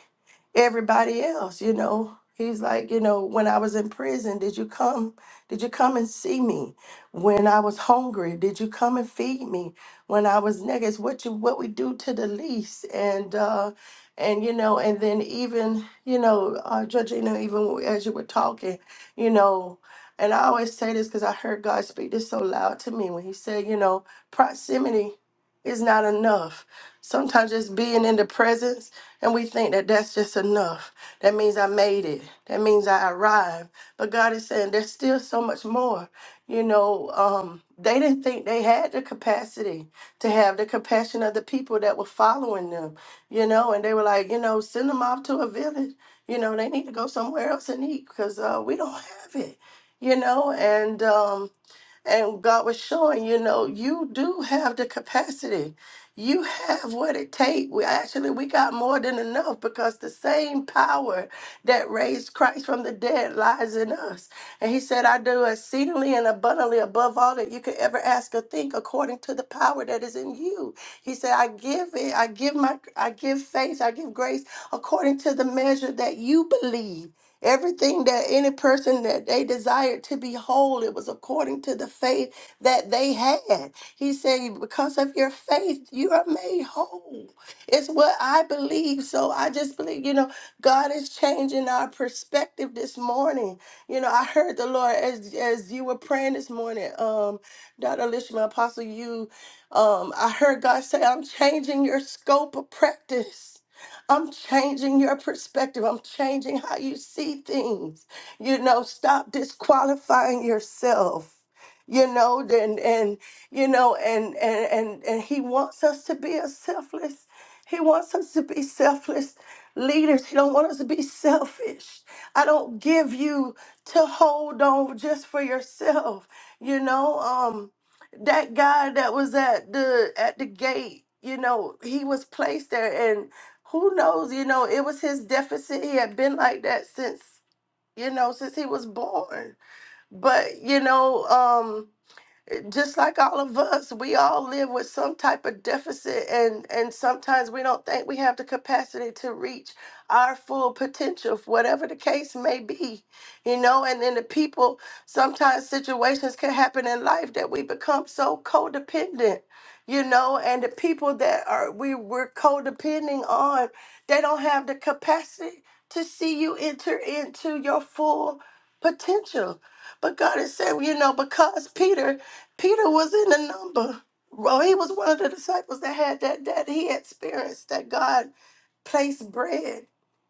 everybody else, you know. He's like, you know, when I was in prison, did you come? Did you come and see me? When I was hungry, did you come and feed me? When I was naked, it's what you what we do to the least, and uh, and you know, and then even you know, uh, Georgina, even as you were talking, you know, and I always say this because I heard God speak this so loud to me when He said, you know, proximity is not enough. Sometimes just being in the presence and we think that that's just enough. That means I made it. That means I arrived. But God is saying there's still so much more. You know, um, they didn't think they had the capacity to have the compassion of the people that were following them, you know, and they were like, you know, send them off to a village. You know, they need to go somewhere else and eat because uh, we don't have it, you know, and. Um, and God was showing, you know, you do have the capacity. You have what it takes. We actually we got more than enough because the same power that raised Christ from the dead lies in us. And he said, I do exceedingly and abundantly above all that you could ever ask or think according to the power that is in you. He said, I give it, I give my I give faith, I give grace according to the measure that you believe. Everything that any person that they desired to be whole, it was according to the faith that they had. He said, Because of your faith, you are made whole. It's what I believe. So I just believe, you know, God is changing our perspective this morning. You know, I heard the Lord as as you were praying this morning, um, Dr. Alicia, my apostle, you um, I heard God say, I'm changing your scope of practice. I'm changing your perspective. I'm changing how you see things. You know, stop disqualifying yourself. You know, and and you know, and and and and he wants us to be a selfless. He wants us to be selfless leaders. He don't want us to be selfish. I don't give you to hold on just for yourself. You know, um, that guy that was at the at the gate. You know, he was placed there, who knows you know it was his deficit he had been like that since you know since he was born but you know um, just like all of us, we all live with some type of deficit, and and sometimes we don't think we have the capacity to reach our full potential, whatever the case may be, you know. And then the people, sometimes situations can happen in life that we become so codependent, you know. And the people that are we we're codepending on, they don't have the capacity to see you enter into your full potential. But God is saying, you know, because Peter Peter was in the number. Well, he was one of the disciples that had that that he had experienced that God placed bread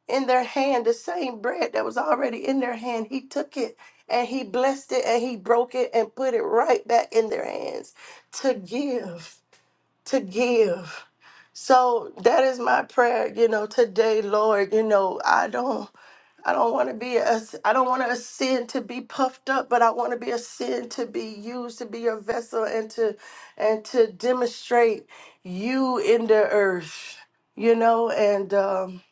in their hand, the same bread that was already in their hand. He took it and he blessed it and he broke it and put it right back in their hands to give, to give. So that is my prayer, you know, today, Lord, you know, I don't I don't want to be a, I don't want a sin to be puffed up, but I want to be a sin to be used to be a vessel and to and to demonstrate you in the earth, you know. And um,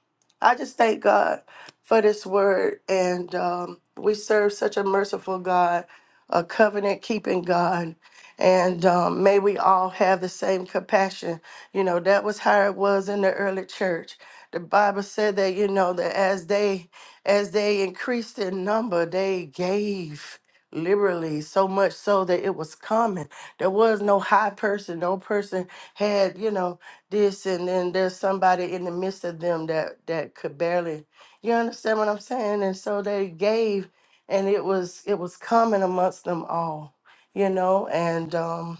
I just thank God for this word, and um, we serve such a merciful God, a covenant keeping God. And um, may we all have the same compassion. You know, that was how it was in the early church. The Bible said that, you know, that as they as they increased in number, they gave liberally so much so that it was common. There was no high person, no person had, you know, this and then there's somebody in the midst of them that that could barely you understand what I'm saying? And so they gave and it was it was common amongst them all, you know, and um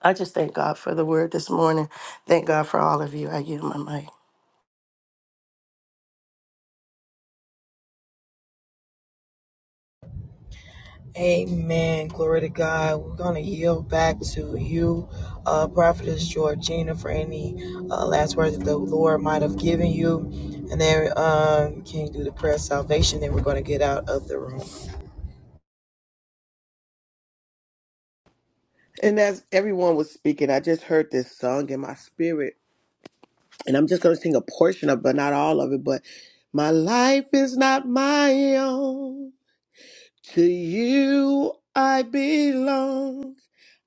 I just thank God for the word this morning. Thank God for all of you. I give my mic.
Amen. Glory to God. We're going to yield back to you, uh, Prophetess Georgina, for any uh, last words that the Lord might have given you. And then um, can you do the prayer of salvation? Then we're going to get out of the room.
and as everyone was speaking i just heard this song in my spirit and i'm just going to sing a portion of it but not all of it but my life is not my own to you i belong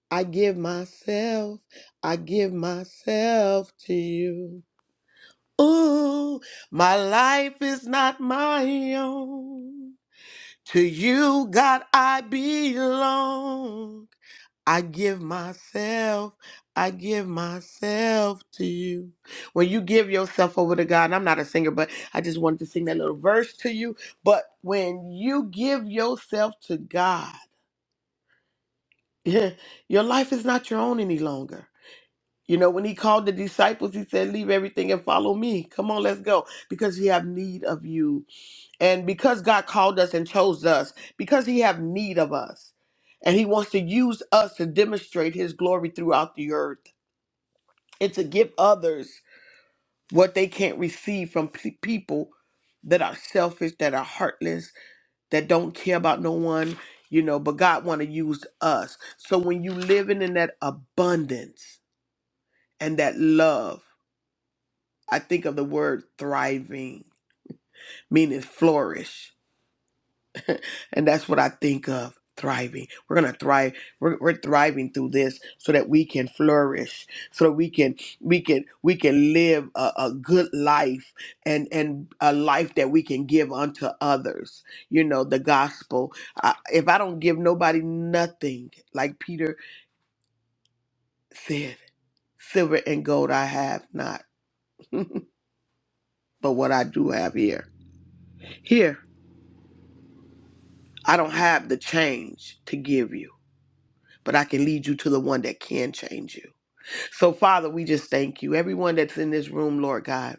i give myself i give myself to you ooh my life is not my own To you, God, I belong. I give myself, I give myself to you. When you give yourself over to God, and I'm not a singer, but I just wanted to sing that little verse to you. But when you give yourself to God, your life is not your own any longer. You know, when he called the disciples, he said, Leave everything and follow me. Come on, let's go. Because he have need of you and because god called us and chose us because he have need of us and he wants to use us to demonstrate his glory throughout the earth and to give others what they can't receive from pe- people that are selfish that are heartless that don't care about no one you know but god want to use us so when you living in that abundance and that love i think of the word thriving meaning flourish And that's what I think of thriving. We're going to thrive. We're, we're thriving through this so that we can flourish, so that we can we can we can live a, a good life and and a life that we can give unto others. You know, the gospel. I, if I don't give nobody nothing, like Peter said, silver and gold I have not. but what I do have here. Here, I don't have the change to give you, but I can lead you to the one that can change you. So, Father, we just thank you. Everyone that's in this room, Lord God,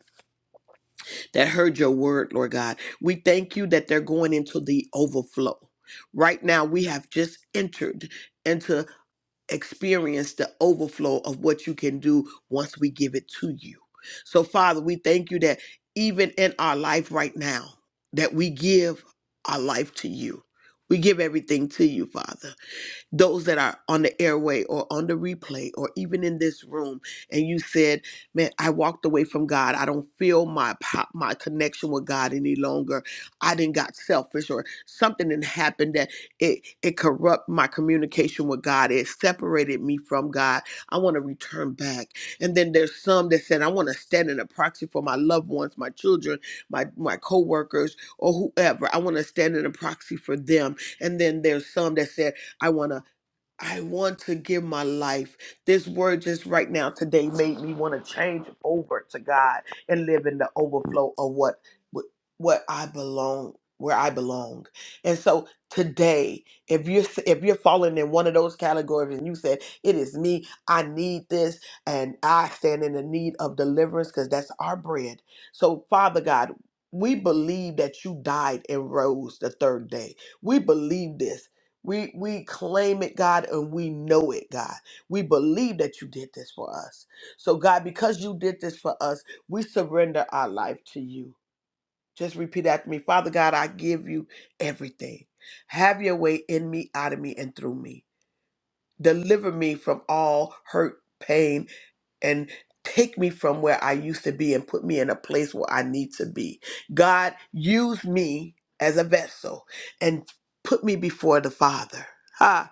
that heard your word, Lord God, we thank you that they're going into the overflow. Right now, we have just entered into experience the overflow of what you can do once we give it to you. So, Father, we thank you that even in our life right now, that we give our life to you. We give everything to you, Father those that are on the airway or on the replay or even in this room and you said man i walked away from god i don't feel my po- my connection with god any longer i didn't got selfish or something that happened that it it corrupt my communication with god it separated me from god i want to return back and then there's some that said i want to stand in a proxy for my loved ones my children my my coworkers or whoever i want to stand in a proxy for them and then there's some that said I want to. I want to give my life. This word just right now today made me want to change over to God and live in the overflow of what what what I belong, where I belong. And so today, if you're if you're falling in one of those categories and you said it is me, I need this, and I stand in the need of deliverance because that's our bread. So Father God. We believe that you died and rose the third day. We believe this we we claim it, God, and we know it, God. We believe that you did this for us. So, God, because you did this for us, we surrender our life to you. Just repeat after me. Father God, I give you everything. Have your way in me, out of me, and through me. Deliver me from all hurt, pain, and take me from where I used to be and put me in a place where I need to be. God, use me as a vessel and put me before the Father. Ha!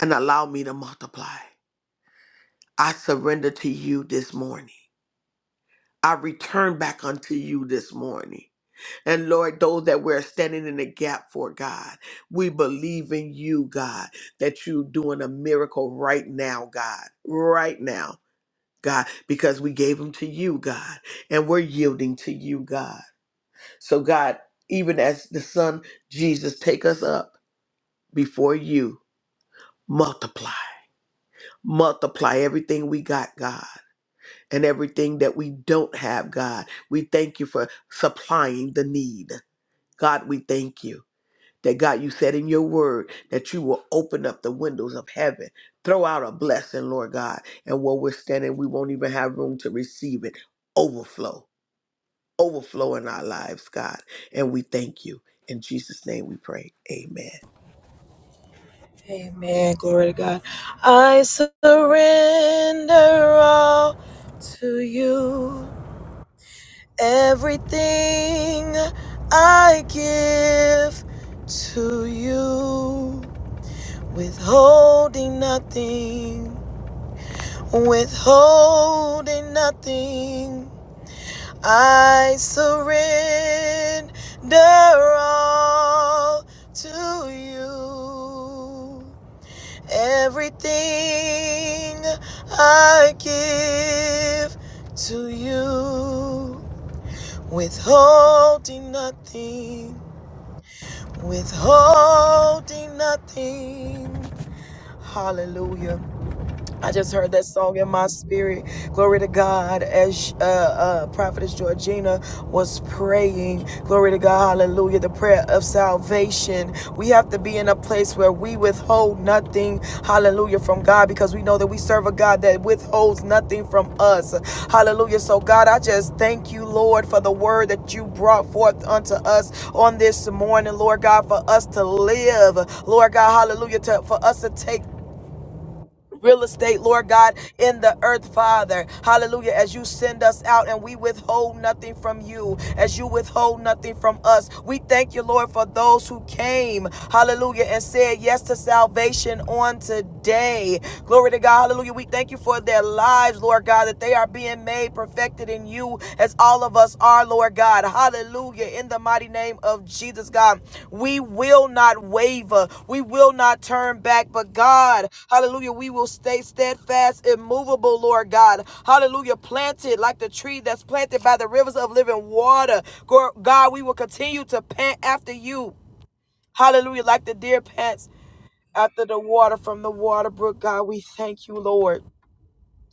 and allow me to multiply. I surrender to you this morning. I return back unto you this morning. And Lord, those that we're standing in the gap for, God, we believe in you, God, that you're doing a miracle right now, God, right now, God, because we gave them to you, God, and we're yielding to you, God. So, God, even as the Son, Jesus, take us up before you, multiply, multiply everything we got, God and everything that we don't have, God. We thank you for supplying the need. God, we thank you that God, you said in your word that you will open up the windows of heaven, throw out a blessing, Lord God. And where we're standing, we won't even have room to receive it. Overflow, overflow in our lives, God. And we thank you. In Jesus' name we pray. Amen.
Amen. Glory to God. I surrender all to you. Everything I give to you, withholding nothing, withholding nothing. I surrender all to you. Everything I give to you withholding nothing, withholding nothing. Hallelujah. I just heard that song in my spirit. Glory to God. As uh, uh, Prophetess Georgina was praying, glory to God, hallelujah, the prayer of salvation. We have to be in a place where we withhold nothing, hallelujah, from God because we know that we serve a God that withholds nothing from us. Hallelujah. So, God, I just thank you, Lord, for the word that you brought forth unto us on this morning, Lord God, for us to live, Lord God, hallelujah, to, for us to take real estate, Lord God, in the earth, Father. Hallelujah. As you send us out and we withhold nothing from you, as you withhold nothing from us, we thank you, Lord, for those who came, hallelujah, and said yes to salvation on today. Glory to God. Hallelujah. We thank you for their lives, Lord God, that they are being made perfected in you as all of us are, Lord God. Hallelujah. In the mighty name of Jesus, God, we will not waver. We will not turn back. But God, hallelujah, we will stay steadfast, immovable, Lord God. Hallelujah. Planted like the tree that's planted by the rivers of living water. God, we will continue to pant after you. Hallelujah. Like the deer pants after the water from the water brook. God, we thank you, Lord.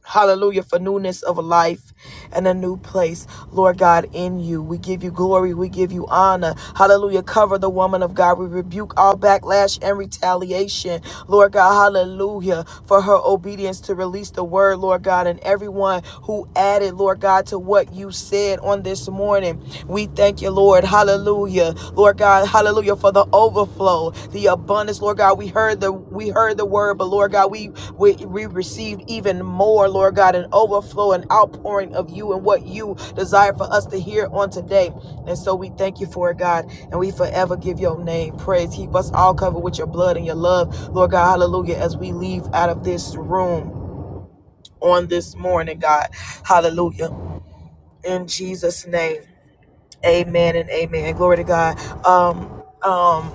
Hallelujah for newness of life and a new place, Lord God, in you. We give you glory. We give you honor. Hallelujah. Cover the woman of God. We rebuke all backlash and retaliation, Lord God. Hallelujah for her obedience to release the word, Lord God, and everyone who added, Lord God, to what you said on this morning. We thank you, Lord. Hallelujah. Lord God, hallelujah, for the overflow, the abundance, Lord God. We heard the we heard the word, but Lord God, we we, we received even more, Lord God, an overflow and outpouring of you and what you desire for us to hear on today. And so we thank you for it, God, and we forever give your name praise. Keep us all covered with your blood and your love, Lord God, hallelujah, as we leave out of this room on this morning, God. Hallelujah. In Jesus' name. Amen and amen. Glory to God. Um, um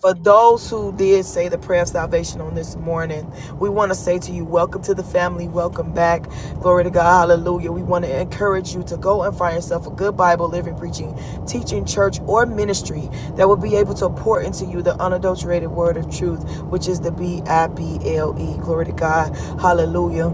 For those who did say the prayer of salvation on this morning, we want to say to you, welcome to the family, welcome back. Glory to God, hallelujah. We want to encourage you to go and find yourself a good Bible, living, preaching, teaching church or ministry that will be able to pour into you the unadulterated word of truth, which is the B I B L E. Glory to God, hallelujah.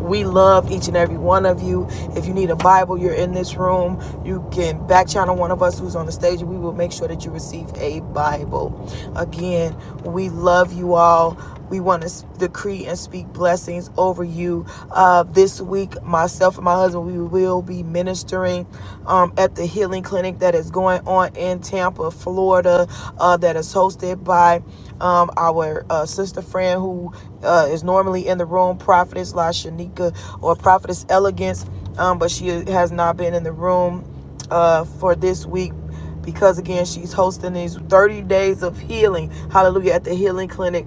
We love each and every one of you. If you need a Bible, you're in this room. You can back channel one of us who's on the stage, and we will make sure that you receive a Bible. Again, we love you all. We want to decree and speak blessings over you. Uh, this week, myself and my husband, we will be ministering um, at the healing clinic that is going on in Tampa, Florida, uh, that is hosted by um, our uh, sister friend who uh, is normally in the room, Prophetess La Shanika or Prophetess Elegance, um, but she has not been in the room uh, for this week because again she's hosting these 30 days of healing hallelujah at the healing clinic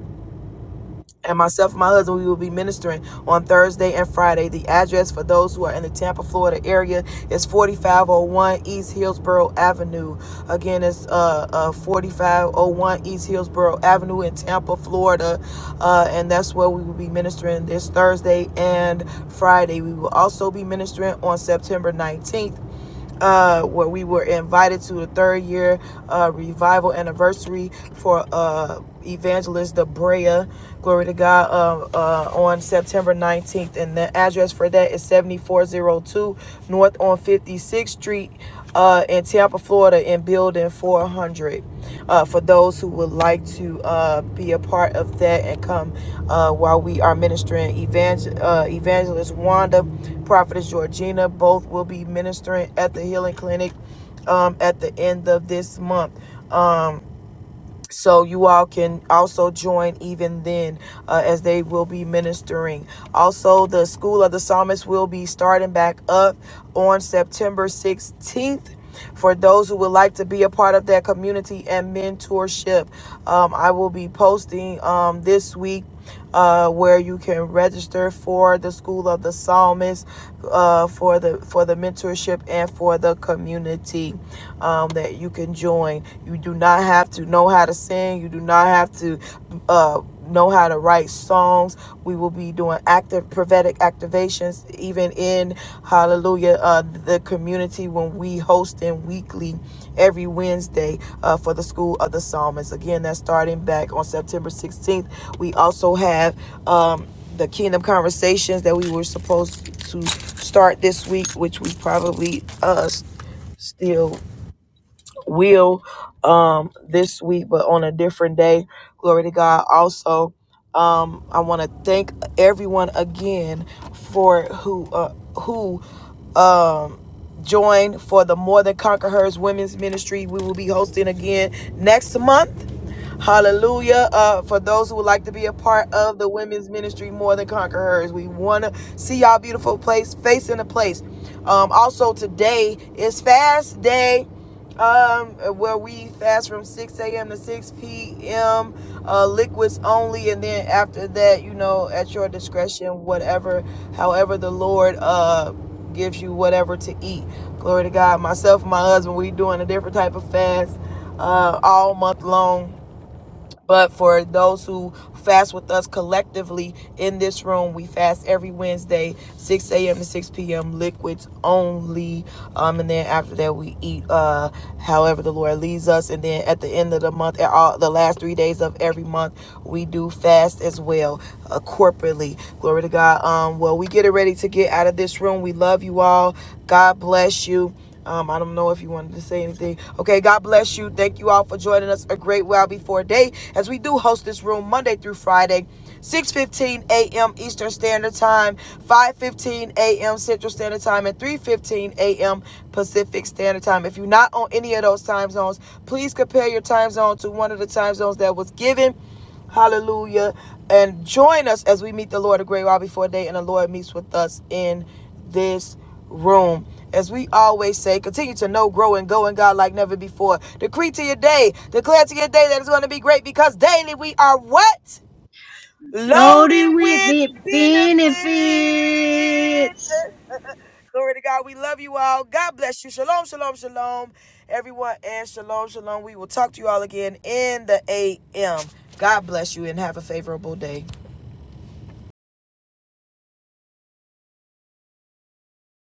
and myself and my husband, we will be ministering on Thursday and Friday. The address for those who are in the Tampa, Florida area is 4501 East Hillsborough Avenue. Again, it's uh, uh, 4501 East Hillsborough Avenue in Tampa, Florida. Uh, and that's where we will be ministering this Thursday and Friday. We will also be ministering on September 19th uh, where we were invited to the third year uh, revival anniversary for uh, Evangelist Debrea. Glory to God um, uh, on September 19th. And the address for that is 7402 North on 56th Street uh, in Tampa, Florida, in Building 400. Uh, for those who would like to uh, be a part of that and come uh, while we are ministering, evangel- uh, Evangelist Wanda, Prophetess Georgina, both will be ministering at the Healing Clinic um, at the end of this month. Um, so you all can also join even then uh, as they will be ministering also the school of the psalmist will be starting back up on september 16th for those who would like to be a part of that community and mentorship um, i will be posting um, this week uh, where you can register for the School of the Psalmist, uh, for the for the mentorship and for the community um, that you can join. You do not have to know how to sing. You do not have to uh, know how to write songs. We will be doing active prophetic activations even in Hallelujah uh, the community when we host hosting weekly every Wednesday uh, for the School of the Psalmist. Again, that's starting back on September 16th. We also have um, the Kingdom Conversations that we were supposed to start this week, which we probably uh, still will um this week but on a different day glory to god also um i want to thank everyone again for who uh who um joined for the more than conquerors women's ministry we will be hosting again next month Hallelujah. Uh, for those who would like to be a part of the women's ministry, More Than Conquerors, we want to see y'all beautiful place, face in a place. Um, also, today is fast day um, where we fast from 6 a.m. to 6 p.m. Uh, liquids only, and then after that, you know, at your discretion, whatever, however the Lord uh, gives you whatever to eat. Glory to God. Myself and my husband, we doing a different type of fast uh, all month long but for those who fast with us collectively in this room, we fast every Wednesday, 6 a.m. to 6 p.m., liquids only. Um, and then after that, we eat uh, however the Lord leads us. And then at the end of the month, at all, the last three days of every month, we do fast as well uh, corporately. Glory to God. Um, well, we get it ready to get out of this room. We love you all. God bless you. Um, I don't know if you wanted to say anything. Okay, God bless you. Thank you all for joining us a great while before day as we do host this room Monday through Friday. 6:15 a.m. Eastern Standard Time, 5:15 a.m. Central Standard Time, and 3:15 a.m. Pacific Standard Time. If you're not on any of those time zones, please compare your time zone to one of the time zones that was given Hallelujah. And join us as we meet the Lord a great while before day and the Lord meets with us in this room. As we always say, continue to know, grow, and go in God like never before. Decree to your day, declare to your day that it's going to be great because daily we are what? Loaded
loaded with
with benefits.
benefits.
Glory to God. We love you all. God bless you. Shalom, shalom, shalom, everyone, and shalom, shalom. We will talk to you all again in the AM. God bless you and have a favorable day.